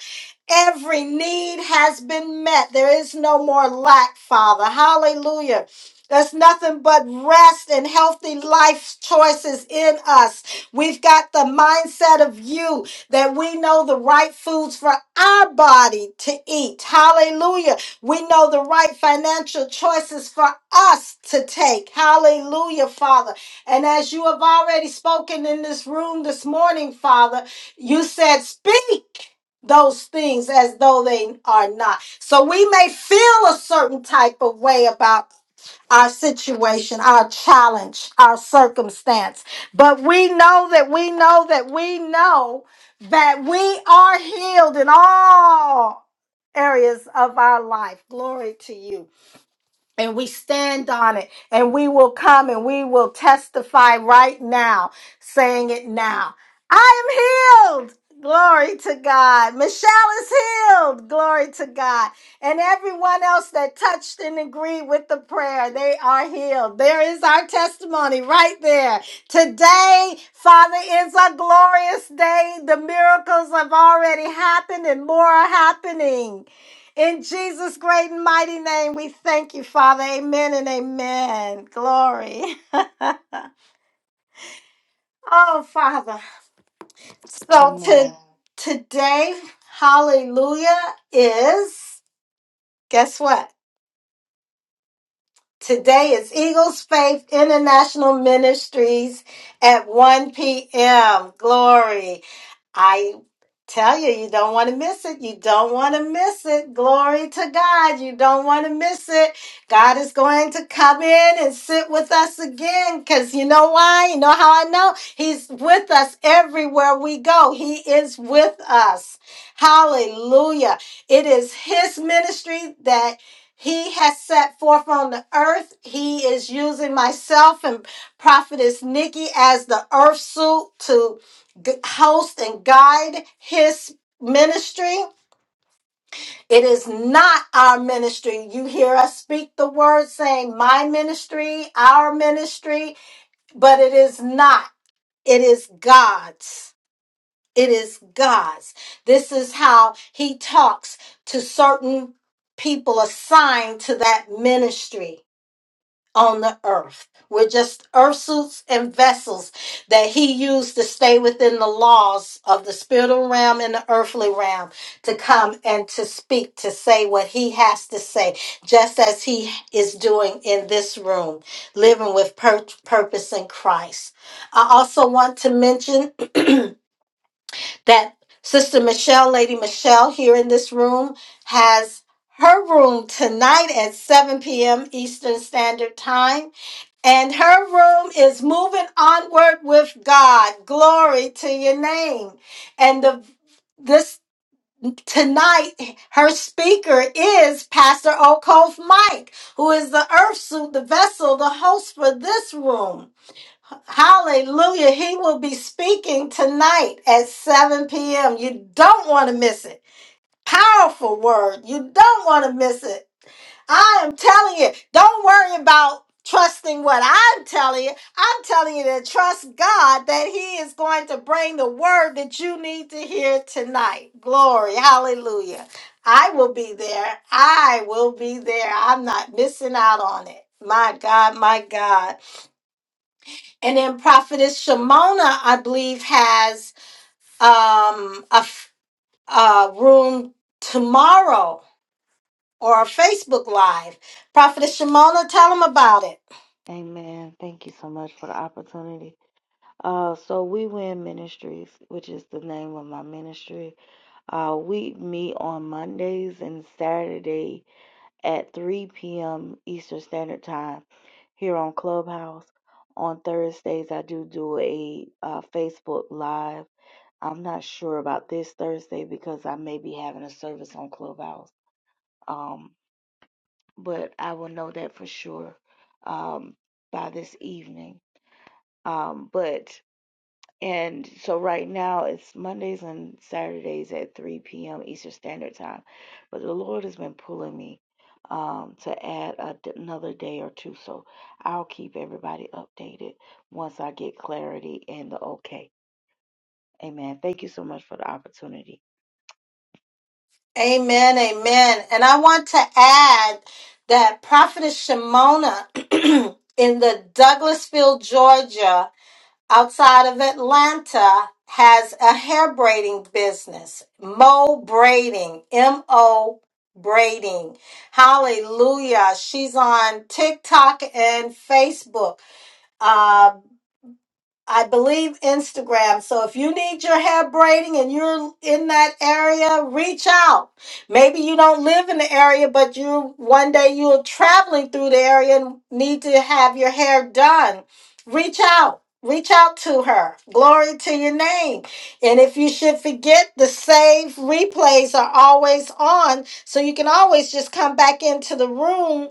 Every need has been met. There is no more lack, Father. Hallelujah. That's nothing but rest and healthy life choices in us. We've got the mindset of you that we know the right foods for our body to eat. Hallelujah. We know the right financial choices for us to take. Hallelujah, Father. And as you have already spoken in this room this morning, Father, you said, Speak those things as though they are not. So we may feel a certain type of way about our situation, our challenge, our circumstance. But we know that we know that we know that we are healed in all areas of our life. Glory to you and we stand on it and we will come and we will testify right now, saying it now. I am healed. Glory to God. Michelle is healed. Glory to God. And everyone else that touched and agreed with the prayer, they are healed. There is our testimony right there. Today, Father, is a glorious day. The miracles have already happened and more are happening. In Jesus' great and mighty name, we thank you, Father. Amen and amen. Glory. [laughs] oh, Father. So to, Amen. today, hallelujah, is guess what? Today is Eagles Faith International Ministries at 1 p.m. Glory. I tell you, you don't want to miss it. You don't want to miss it. Glory to God. You don't want to miss it. God is going to come in and sit with us again because you know why? You know how I know? He's with us everywhere we go. He is with us. Hallelujah. It is His ministry that. He has set forth on the earth. He is using myself and prophetess Nikki as the earth suit to g- host and guide his ministry. It is not our ministry. You hear us speak the word saying my ministry, our ministry, but it is not. It is God's. It is God's. This is how he talks to certain people assigned to that ministry. on the earth. We're just earth suits and vessels that he used to stay within the laws of the spiritual realm and the earthly realm to come and to speak, to say what he has to say, just as he is doing in this room, living with pur- purpose in Christ. I also want to mention that Sister Michelle, Lady Michelle, here in this room, has her room tonight at 7 p.m. Eastern Standard Time and her room is moving onward with God. Glory to your name. And the this tonight, her speaker is Pastor Okof Mike, who is the earth suit, the vessel, the host for this room. Hallelujah. He will be speaking tonight at 7 p.m. You don't want to miss it. Powerful word. You don't want to miss it. I am telling you, don't worry about trusting what I'm telling you. I'm telling you to trust God that He is going to bring the word that you need to hear tonight. Glory. Hallelujah. I will be there. I will be there. I'm not missing out on it. My God, my God. And then Prophetess Shimona, I believe, has um, a, f- a room tomorrow or a Facebook Live. Prophetess Shimona, tell them about it. Amen. Thank you so much for the opportunity. Uh, so we win ministries, which is the name of my ministry. Uh, we meet on Mondays and Saturday at 3 p.m. Eastern Standard Time here on Clubhouse. On Thursdays, I do do a uh, Facebook Live. I'm not sure about this Thursday because I may be having a service on Clubhouse. Um, but I will know that for sure um, by this evening. Um, but and so right now it's Mondays and Saturdays at 3 p.m. Eastern Standard Time. But the Lord has been pulling me um, to add a, another day or two. So I'll keep everybody updated once I get clarity and the okay. Amen. Thank you so much for the opportunity. Amen, amen. And I want to add that Prophetess Shimona [clears throat] in the Douglasville, Georgia, outside of Atlanta, has a hair braiding business, Mo Braiding, M O Braiding. Hallelujah. She's on TikTok and Facebook. Uh, I believe Instagram. So if you need your hair braiding and you're in that area, reach out. Maybe you don't live in the area, but you one day you're traveling through the area and need to have your hair done. Reach out. Reach out to her. Glory to your name. And if you should forget, the save replays are always on. So you can always just come back into the room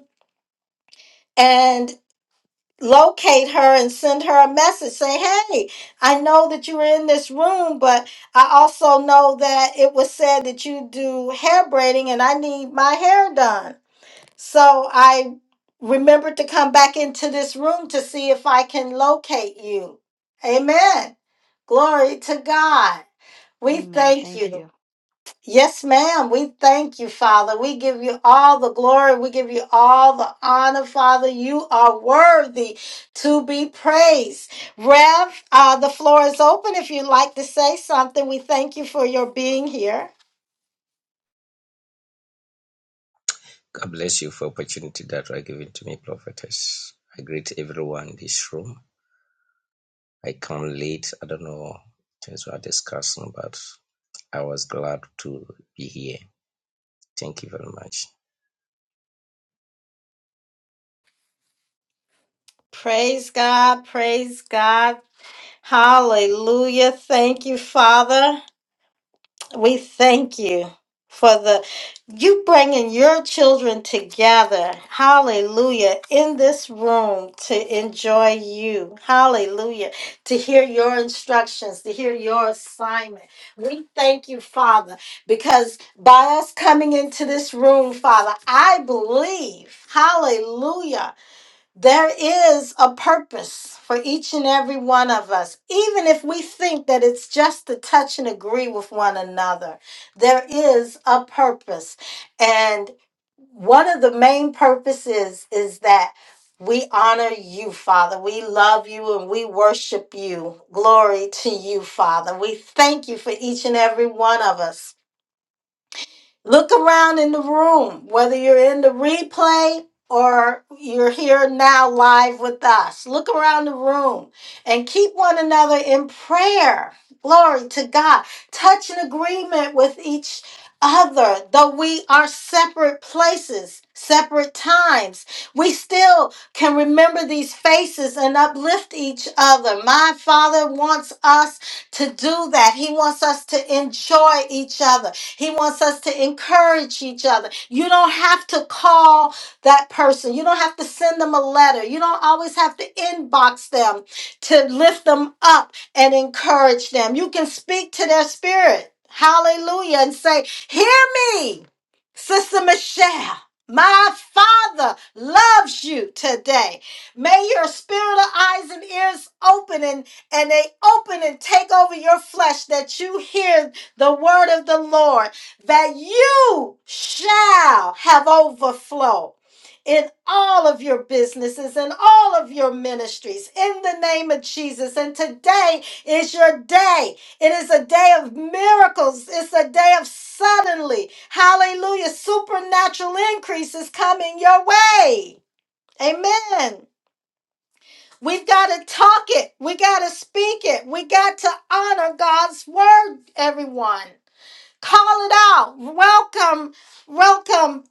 locate her and send her a message saying, Hey, I know that you were in this room, but I also know that it was said that you do hair braiding and I need my hair done. So I remembered to come back into this room to see if I can locate you. Amen. Glory to God. We Amen. thank you. Thank you. Yes, ma'am. We thank you, Father. We give you all the glory. We give you all the honor, Father. You are worthy to be praised. Rev, uh, the floor is open if you'd like to say something. We thank you for your being here. God bless you for opportunity that were given to me, prophetess. I greet everyone in this room. I come late. I don't know things we are discussing, but I was glad to be here. Thank you very much. Praise God. Praise God. Hallelujah. Thank you, Father. We thank you for the you bringing your children together. Hallelujah. In this room to enjoy you. Hallelujah. To hear your instructions, to hear your assignment. We thank you, Father, because by us coming into this room, Father, I believe. Hallelujah. There is a purpose for each and every one of us, even if we think that it's just to touch and agree with one another. There is a purpose. And one of the main purposes is that we honor you, Father. We love you and we worship you. Glory to you, Father. We thank you for each and every one of us. Look around in the room, whether you're in the replay or you're here now live with us. Look around the room and keep one another in prayer. Glory to God. Touch an agreement with each other, though we are separate places, separate times. We still can remember these faces and uplift each other. My Father wants us to do that. He wants us to enjoy each other. He wants us to encourage each other. You don't have to call that person, you don't have to send them a letter, you don't always have to inbox them to lift them up and encourage them. You can speak to their spirit. Hallelujah. And say, Hear me, Sister Michelle. My Father loves you today. May your spiritual eyes and ears open and, and they open and take over your flesh that you hear the word of the Lord, that you shall have overflow in all of your businesses and all of your ministries in the name of Jesus. And today is your day. It is a day of miracles. It's a day of suddenly, hallelujah, supernatural increase is coming your way. Amen. We've got to talk it. We got to speak it. We got to honor God's word, everyone. Call it out. Welcome, welcome,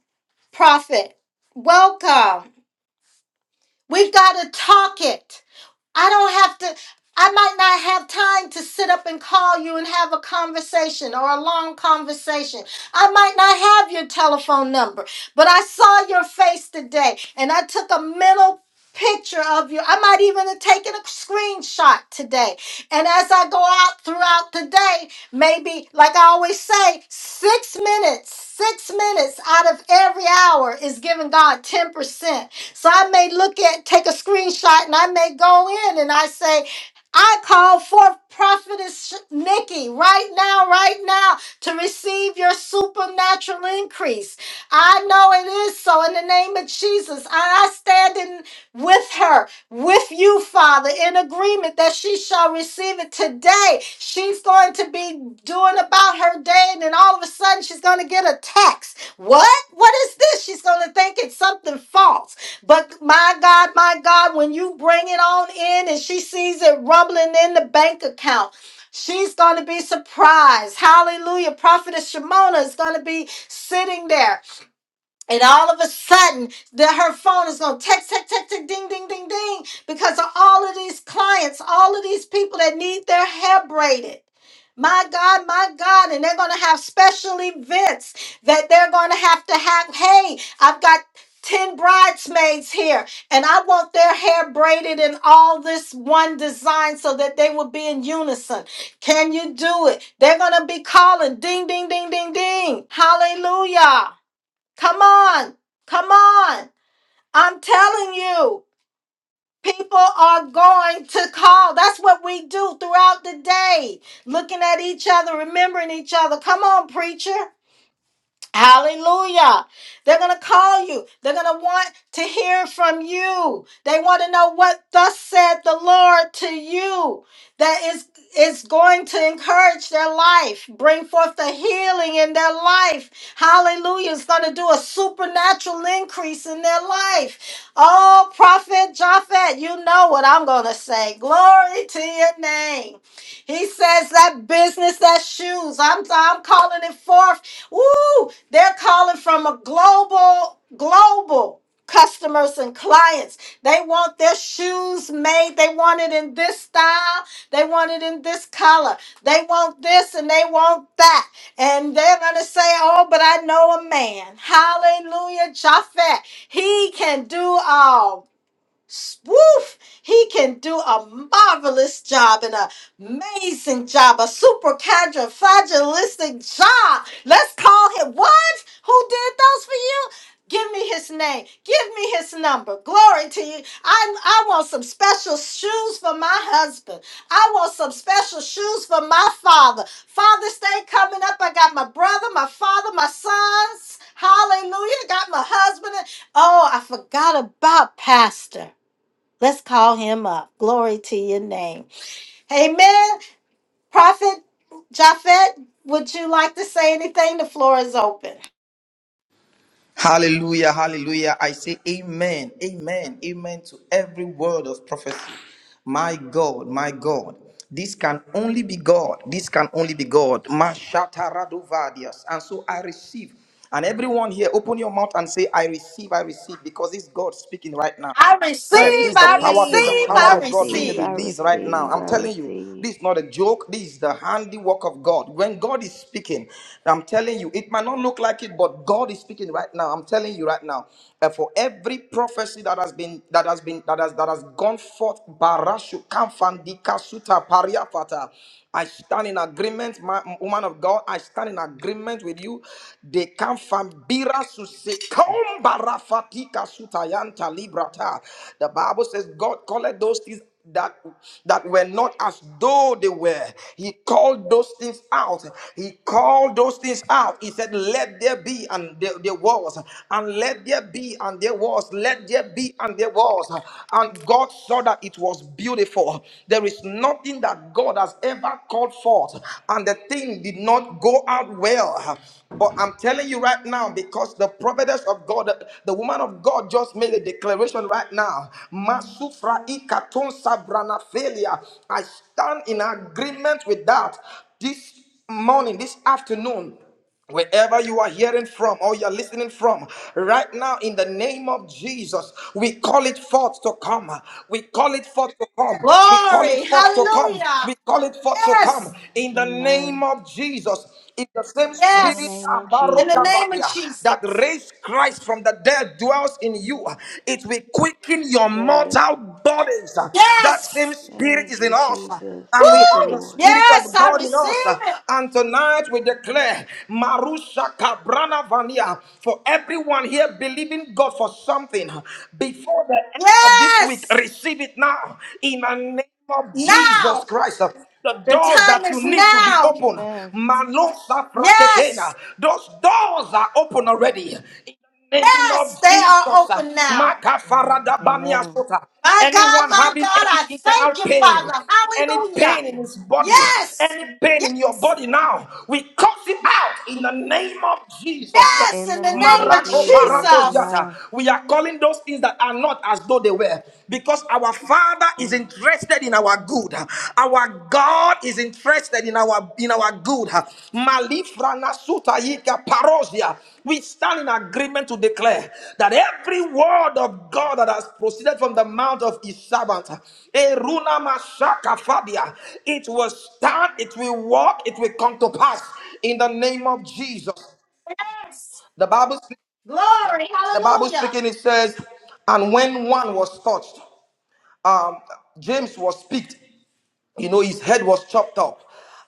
prophet. Welcome. We've got to talk it. I don't have to, I might not have time to sit up and call you and have a conversation or a long conversation. I might not have your telephone number, but I saw your face today and I took a mental picture of you. I might even have taken a screenshot today. And as I go out throughout the day, maybe, like I always say, six minutes, six minutes out of every hour is giving God 10%. So I may look at, take a screenshot, and I may go in and I say, I call forth prophetess Nikki right now, right now to receive your supernatural increase. I know it is so in the name of Jesus. I I stand in with her, with you, Father, in agreement that she shall receive it today. She's going to be doing about her day, and then all of a sudden she's going to get a text. What? What is this? She's going to think it's something false. But my God, my God, when you bring it on in and she sees it rumbling in the bank account, She's going to be surprised. Hallelujah. Prophetess Shimona is going to be sitting there and all of a sudden, that her phone is going to text, text, text, text, ding, ding, ding, ding, because of all of these clients, all of these people that need their hair braided. My God, my God. And they're going to have special events that they're going to have to have. Hey, I've got 10 bridesmaids here, and I want their hair braided in all this one design so that they will be in unison. Can you do it? They're going to be calling ding, ding, ding, ding, ding. Hallelujah. Come on. Come on. I'm telling you, people are going to call. That's what we do throughout the day, looking at each other, remembering each other. Come on, preacher. Hallelujah. They're going to call you. They're going to want to hear from you. They want to know what thus said the Lord to you that is is going to encourage their life, bring forth the healing in their life. Hallelujah. It's going to do a supernatural increase in their life. Oh, Prophet Japhet, you know what I'm going to say. Glory to your name. He says that business, that shoes. I'm, I'm calling it forth Woo! They're calling from a global, global customers and clients. They want their shoes made. They want it in this style. They want it in this color. They want this and they want that. And they're going to say, Oh, but I know a man. Hallelujah. Japhet. He can do all. Woof! He can do a marvelous job, an amazing job, a super fragilistic job. Let's call him what? Who did those for you? Give me his name. Give me his number. Glory to you. I, I want some special shoes for my husband. I want some special shoes for my father. Father's Day coming up. I got my brother, my father, my sons. Hallelujah. Got my husband. Oh, I forgot about Pastor. Let's call him up. Glory to your name. Amen. Prophet Japhet, would you like to say anything? The floor is open. Hallelujah, hallelujah. I say amen, amen, amen to every word of prophecy. My God, my God. This can only be God. This can only be God. Mashataradovadias. And so I receive. And everyone here, open your mouth and say, I receive, I receive, because it's God speaking right now. I I Yes, this receive, is the I power. There's the receive. receive, I power I of God being receive, receive. I released right now. receive, I'm I telling you, receive. this is not a joke. This is the handiwork of God. When God is speaking, I'm telling you, it might not look like it, but God is speaking right now. I'm telling you right now. uh, for every prophecy that has been that has been that has that has gone forth, Barashu Kamfandi Kasuta Pariapata. I stand in agreement, ma- woman of God. I stand in agreement with you. They come from Bira Barafatika Sutayanta Librata. The Bible says God called those things that that were not as though they were. He called those things out. He called those things out. He said, Let there be and there, there was, and let there be and there was, let there be and there was. And God saw that it was beautiful. There is nothing that God has ever called forth, and the thing did not go out well. But I'm telling you right now, because the prophetess of God, the woman of God just made a declaration right now. Masufra ikaton sabrana failure. I stand in agreement with that this morning, this afternoon. Wherever you are hearing from or you're listening from, right now in the name of Jesus, we call it forth to come. We call it forth to come. We call it Glory. forth to come. Hallelujah. We call it forth to Yes. come in the Amen. name of Jesus. In the same In the spirit Yes. name of In the Jesus. name of Abarokavatia, that Jesus. raised Christ from the dead dwells in you, it will quicken your Yes. mortal bodies. That same Yes. spirit Thank is you, in us Jesus. and we Thank you, have Woo. the Lord. Spirit Yes, of I God in us. receive it. And tonight we declare, Marusha Kabrana Vania, for everyone here believing God for something before the end of this week, Yes. receive it now in the name of Jesus Now. Christ. The The doors time that you is need to be now. open, Amen. Malosa Yes. Praketena, those doors are open already. In the name Yes. of They are Jesus, open now. Makafarada Amen. Baniasota. My God, Anyone my God, having any I internal thank you, pain, Father. any Hallelujah. pain in his body, Yes, any pain in your body now, we cast it out in the name of Jesus Christ. yes, In in the the name name of of Marako Jesus. paratos Jesus. yata. Amen. We are calling those things that are not as though they were because our Father is Mm. interested in our good. Our God is is interested in our in our good. Malifrana sutayika parosia. We stand in agreement to declare that every word of God that has proceeded from the mouth of his servant, Eruna Mashaka Fabia, it will stand, it will walk, it will come to pass in the name of Jesus. Yes. The Bible Glory, the Bible hallelujah. speaking, it says, and when one was touched, um, James was picked you know, his head was chopped off.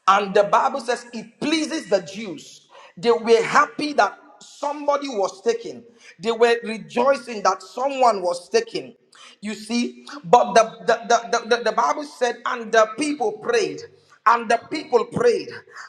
And the Bible says it pleases the Jews. They were happy that somebody was taken, they were rejoicing that someone was taken. You see, but the, the, the, the, the Bible said, and the people prayed and the people prayed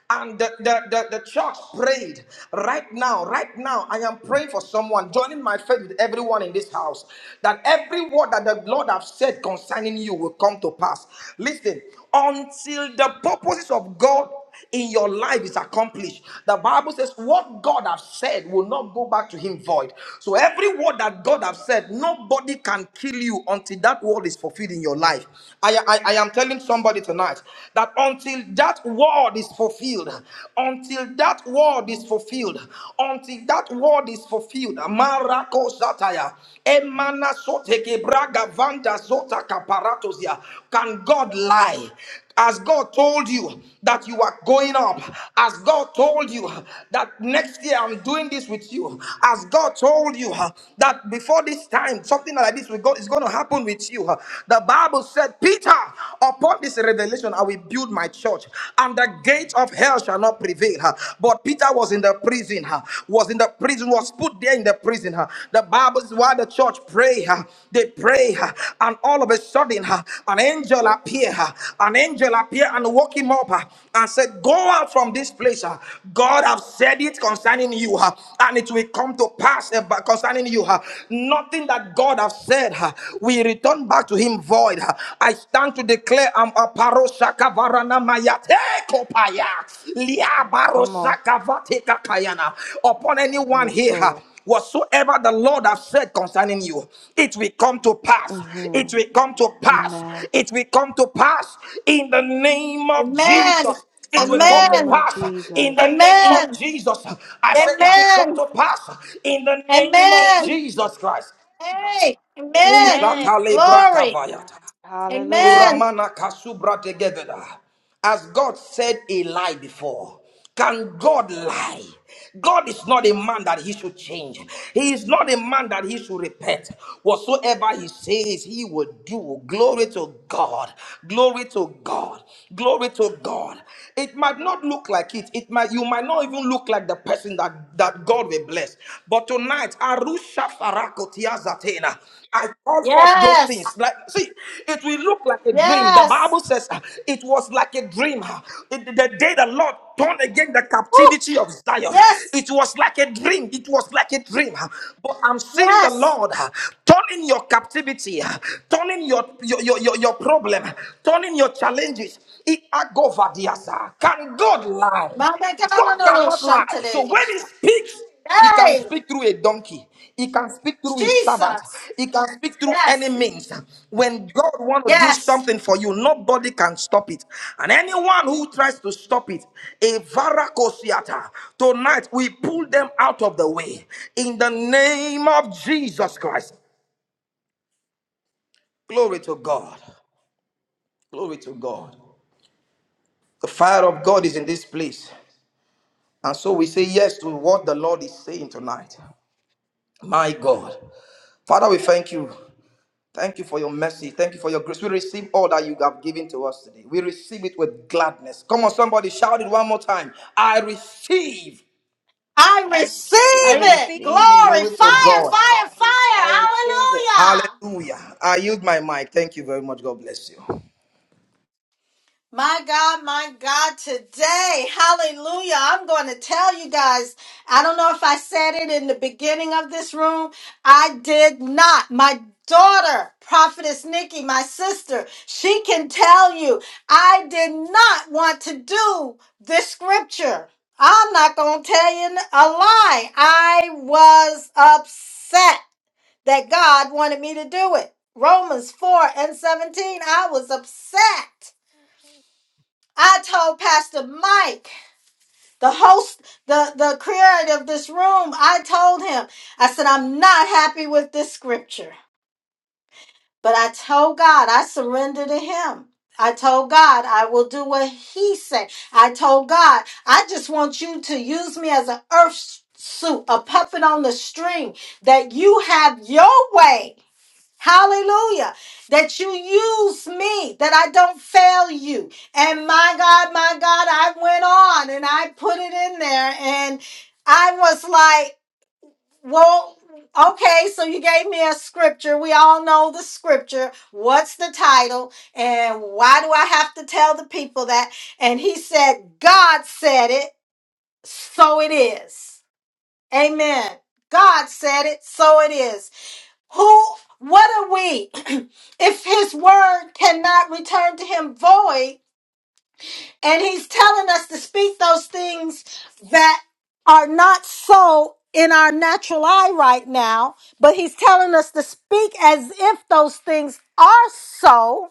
and the, the, the, the church prayed right now right now i am praying for someone joining my faith with everyone in this house that every word that the lord have said concerning you will come to pass listen until the purposes of god in your life is accomplished. The Bible says, What God has said will not go back to him void. So every word that God has said, nobody can kill you until that word is fulfilled in your life. I, I, I am telling somebody tonight that until that word is fulfilled, until that word is fulfilled, until that word is fulfilled, Marako Sataya, Emana Soteke Braga Vanda Zota Kaparatosia, can God lie? As God told you that you are going up, as God told you that next year I'm doing this with you, as God told you uh, that before this time something like this will go, is going to happen with you, uh, the Bible said, Peter, upon this revelation I will build my church, and the gates of hell shall not prevail. uh. But Peter was in the prison, uh, was in the prison, was put there in the prison. uh, uh, The Bible is why the church pray. uh, They pray, uh, and all of a sudden, uh, an angel appear. uh, An angel appear and woke him up uh, and said, "Go out from this place. uh, God have said it concerning you, uh, and it will come to pass about- concerning you. uh, Nothing that God have said uh, will return back to Him void. uh. I stand to declare, I'm a paroshaka varana maya tekopaya liabaro Come on. shaka vatika kayana upon anyone Yes, here." huh? Lord. Whatsoever the Lord has said concerning you, it will come to pass. hmm It will come to pass. Amen. It will come to pass in the name of Amen, Jesus. It In will the come to name amen, of pass in the Jesus. name of amen, Jesus. I said it will come amen, to pass in the name of amen. Jesus Christ. Hey, amen. Amen. Shatale Glory, Amen. brakavayata. Hallelujah. amen. Uramana kasubra together. As God said a lie before, can God lie? God is not a man that he should change. He is not a man that he should repent. Whatsoever he says, he will do. Glory to God. Glory to God. Glory to God. It might not look like it. It might you might not even look like the person that, that God will bless. But tonight, Arusha Farakotia Zatena. I call forth those Yes, things. Like, see, it will look like a dream. The yes, Bible says uh, it was like a dream. uh, it- the day the Lord turned again the Woo. captivity of Zion, yes, it was like a dream. It was like a dream. uh, But I'm seeing the yes. Lord uh, turning your captivity, uh, turning your your, your, your your problem, uh, turning your challenges. It- I go for the answer. Can God Mama, lie? God, no, God no, no, cannot shun lie. So today. when he speaks, he can Hey, speak through a donkey. He can speak through his servant. Jesus. He can speak through Yes. any means. When God wants to do Yes, something for you, nobody can stop it. And anyone who tries to stop it, a varacosiata, tonight we pull them out of the way. In the name of Jesus Christ. Glory to God. Glory to God. The fire of God is in this place. And so we say yes to what the Lord is saying tonight. My God. Father, we thank you. Thank you for your mercy. Thank you for your grace. We receive all that you have given to us today. We receive it with gladness. Come on, somebody, shout it one more time. I receive. I receive I I it. receive. receive. Glory, Glory to fire, God. fire, fire. I receive it. Hallelujah. Hallelujah. I yield my mic. Thank you very much. God bless you. My God, my God, today, hallelujah. I'm going to tell you guys. I don't know if I said it in the beginning of this room. I did not. My daughter, Prophetess Nikki, my sister, she can tell you I did not want to do this scripture. I'm not going to tell you a lie. I was upset. that God wanted me to do it. Romans 4 and 17, I was upset. I told Pastor Mike, the host, the, the creator of this room, I told him, I said, I'm not happy with this scripture. But I told God, I surrender to him. I told God, I will do what he said. I told God, I just want you to use me as an earth suit, a puppet on the string, that you have your way. Hallelujah. That you use me, that I don't fail you. And my God, my God, I went on and I put it in there. And I was like, well, okay, so you gave me a scripture. We all know the scripture. What's the title? And why do I have to tell the people that? And he said, God said it, so it is. Amen. God said it, so it is. Who, what are we [clears throat] if his word cannot return to him void? And he's telling us to speak those things that are not so in our natural eye right now, but he's telling us to speak as if those things are so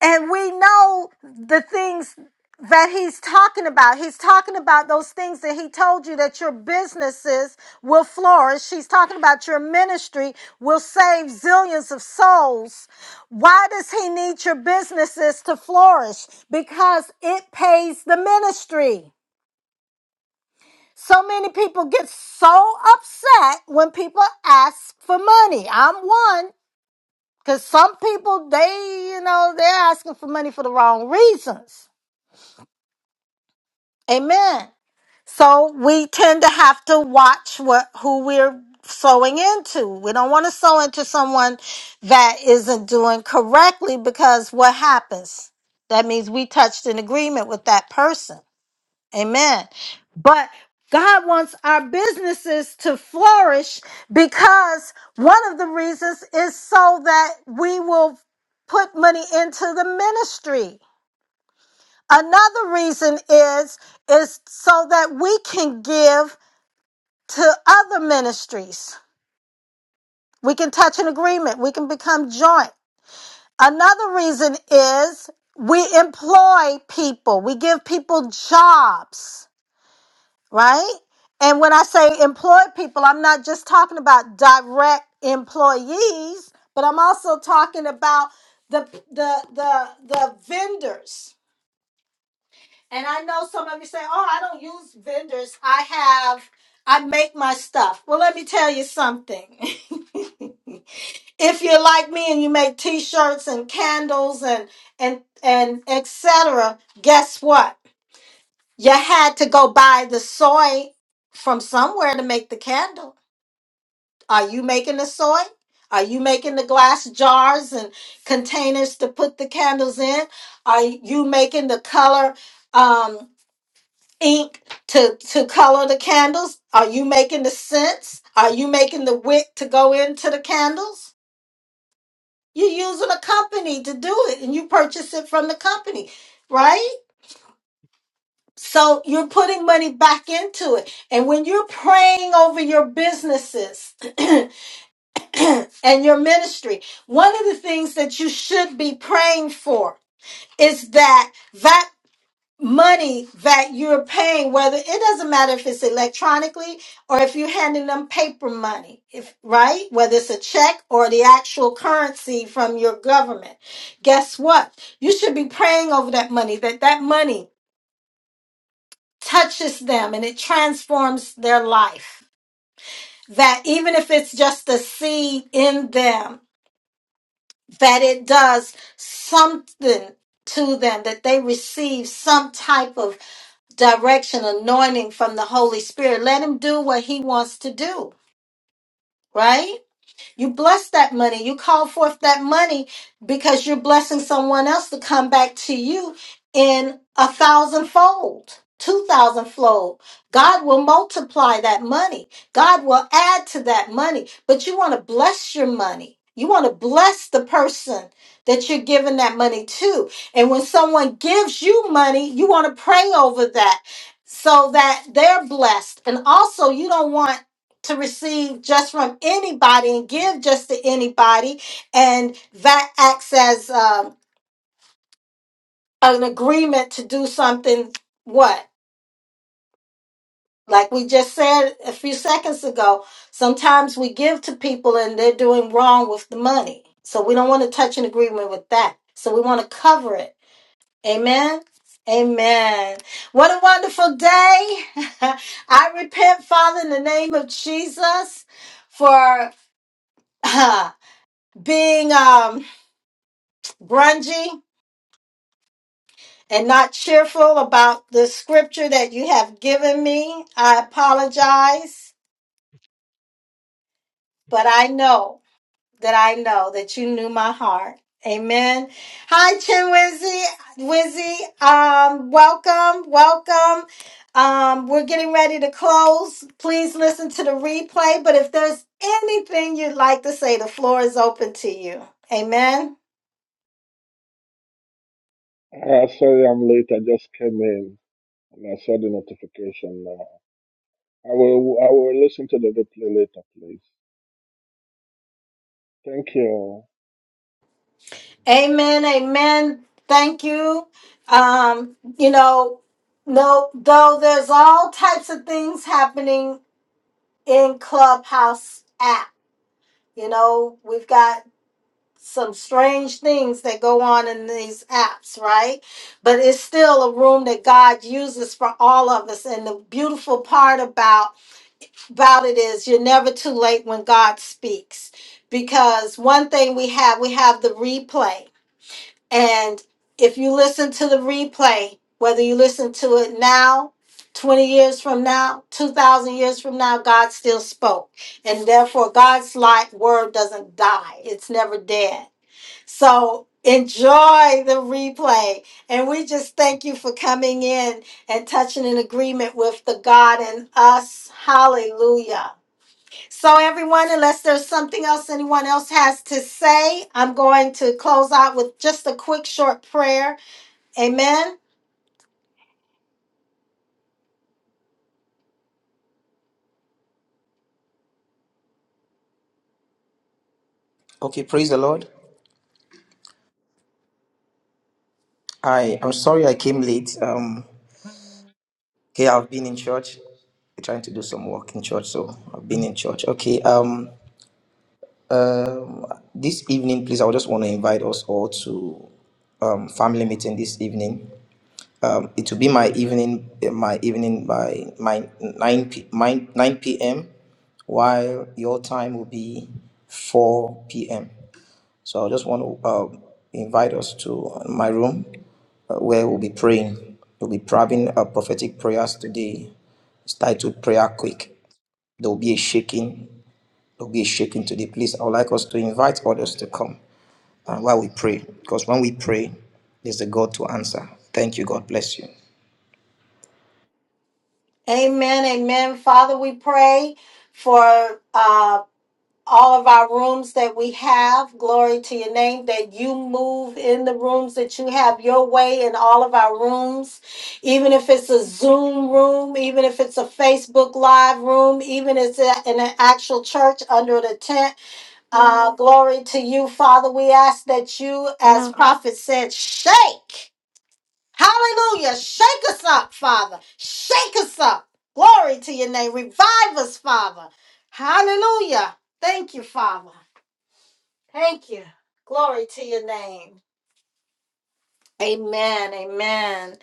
and we know the things that he's talking about. He's talking about those things that he told you that your businesses will flourish. He's talking about your ministry will save zillions of souls. Why does he need your businesses to flourish? Because it pays the ministry. So many people get so upset when people ask for money. I'm one because some people, they, you know, they're asking for money for the wrong reasons. Amen. So we tend to have to watch what who we're sowing into. We don't want to sow into someone that isn't doing correctly because what happens? That means we touched an agreement with that person. Amen. But God wants our businesses to flourish because one of the reasons is so that we will put money into the ministry. Another reason is is so that we can give to other ministries. We can touch an agreement. We can become joint. Another reason is we employ people. We give people jobs, right? And when I say employ people, I'm not just talking about direct employees, but I'm also talking about the the the the vendors And I know some of you say, oh, I don't use vendors. I have, I make my stuff. Well, let me tell you something. [laughs] if you're like me and you make t-shirts and candles and, and, and etc., guess what? You had to go buy the soy from somewhere to make the candle. Are you making the soy? Are you making the glass jars and containers to put the candles in? Are you making the color? Um, ink to to color the candles? Are you making the scents? Are you making the wick to go into the candles? You're using a company to do it and you purchase it from the company, right? So you're putting money back into it. And when you're praying over your businesses [clears throat] and your ministry, one of the things that you should be praying for is that that. money that you're paying whether it doesn't matter if it's electronically or if you're handing them paper money if right whether it's a check or the actual currency from your government guess what you should be praying over that money that that money touches them and it transforms their life that even if it's just a seed in them that it does something to them that they receive some type of direction, anointing from the Holy Spirit. Let him do what he wants to do, right? You bless that money. You call forth that money because you're blessing someone else to come back to you in a thousandfold, two thousandfold. God will multiply that money. God will add to that money. But you want to bless your money. You want to bless the person that you're giving that money to. And when someone gives you money, you want to pray over that so that they're blessed. And also, you don't want to receive just from anybody and give just to anybody, and that acts as um, an agreement to do something. What? Like we just said a few seconds ago, sometimes we give to people and they're doing wrong with the money. So we don't want to touch an agreement with that. So we want to cover it. Amen. Amen. What a wonderful day. [laughs] I repent, Father, in the name of Jesus for [laughs] [clears throat] being um, grungy and not cheerful about the scripture that you have given me. I apologize, but I know that I know that you knew my heart. Amen. Hi, Chinwizzy. Wizzy, um, welcome, welcome. Um, we're getting ready to close. Please listen to the replay. But if there's anything you'd like to say, the floor is open to you. Amen. Uh, sorry, I'm late. I just came in and I saw the notification now. I will I will listen to the replay later, please. Thank you. Amen. Amen. Thank you. Um, you know, no, though there's all types of things happening in Clubhouse app. You know, we've got some strange things that go on in these apps, right? But it's still a room that God uses for all of us. And the beautiful part about about it is you're never too late when God speaks. Because one thing we have, we have the replay and if you listen to the replay, whether you listen to it now, 20 years from now, 2,000 years from now, God still spoke. And therefore, God's light word doesn't die, it's never dead. So enjoy the replay. And we just thank you for coming in and touching an agreement with the God in us. Hallelujah. So, everyone, unless there's something else anyone else has to say, I'm going to close out with just a quick, short prayer. Amen. Okay, praise the Lord. I I'm sorry I came late. Um, okay, I've been in church. We're trying to do some work in church, so I've been in church. Okay. Um, Um, this evening, please, I would just want to invite us all to um, family meeting this evening. Um, it will be my evening, my evening by my nine p my nine p.m. While your time will be four p.m. So I just want to um invite us to my room uh, where we'll be praying. We'll be having uh, prophetic prayers today. It's titled Prayer Quick. There will be a shaking to be shaken today, please. I would like us to invite others to come and while we pray, because when we pray, there's a God to answer. Thank you. God bless you. Amen. Amen. Father, we pray for uh, all of our rooms that we have. Glory to your name that you move in the rooms, that you have your way in all of our rooms, even if it's a Zoom room, even if it's a Facebook Live room, even if it's a- in an actual church under the tent. Hello, Uh, glory to you, Father. We ask that you, hello. as prophet said, shake. Hallelujah. Shake us up, Father. Shake us up. Glory to your name. Revive us, Father. Hallelujah. Thank you, Father. Thank you. Glory to your name. Amen. Amen.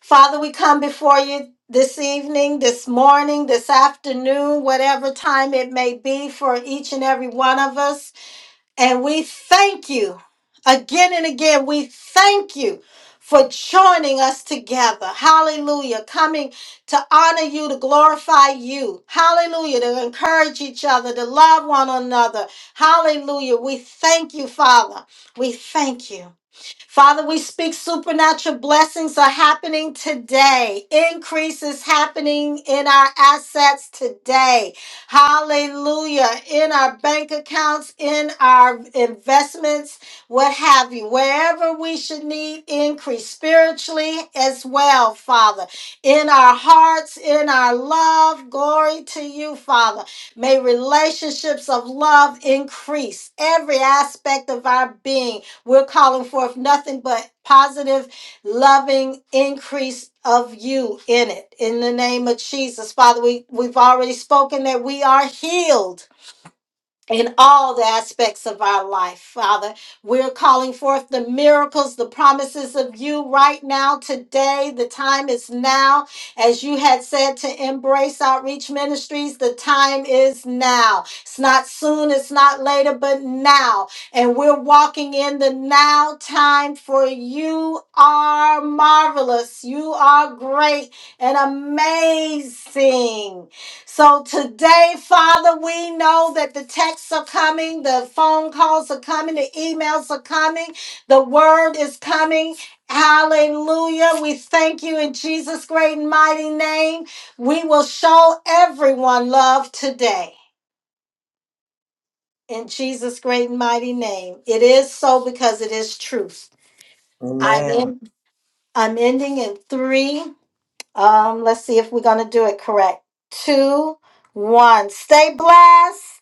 Father, we come before you this evening, this morning, this afternoon, whatever time it may be for each and every one of us. And we thank you again and again. We thank you for joining us together. Hallelujah. Coming to honor you, to glorify you. Hallelujah. To encourage each other, to love one another. Hallelujah. We thank you, Father. We thank you. Father, we speak supernatural blessings are happening today. Increase is happening in our assets today. Hallelujah. In our bank accounts, in our investments, what have you. Wherever we should need increase spiritually as well, Father. In our hearts, in our love, glory to you, Father. May relationships of love increase every aspect of our being we're calling forth nothing but positive, loving increase of you in it. In the name of Jesus, Father, we, we've already spoken that we are healed in all the aspects of our life, Father. We're calling forth the miracles, the promises of you right now, today. The time is now. As you had said to embrace outreach ministries, the time is now. It's not soon, it's not later, but now. And we're walking in the now time for you are marvelous. You are great and amazing. So today, Father, we know that the texts are coming, the phone calls are coming, the emails are coming, the word is coming. Hallelujah. We thank you in Jesus' great and mighty name. We will show everyone love today. In Jesus' great and mighty name. It is so because it is truth. I'm, Amen. in, I'm ending in three. Um, let's see if we're going to do it correct. Two, one. Stay blessed.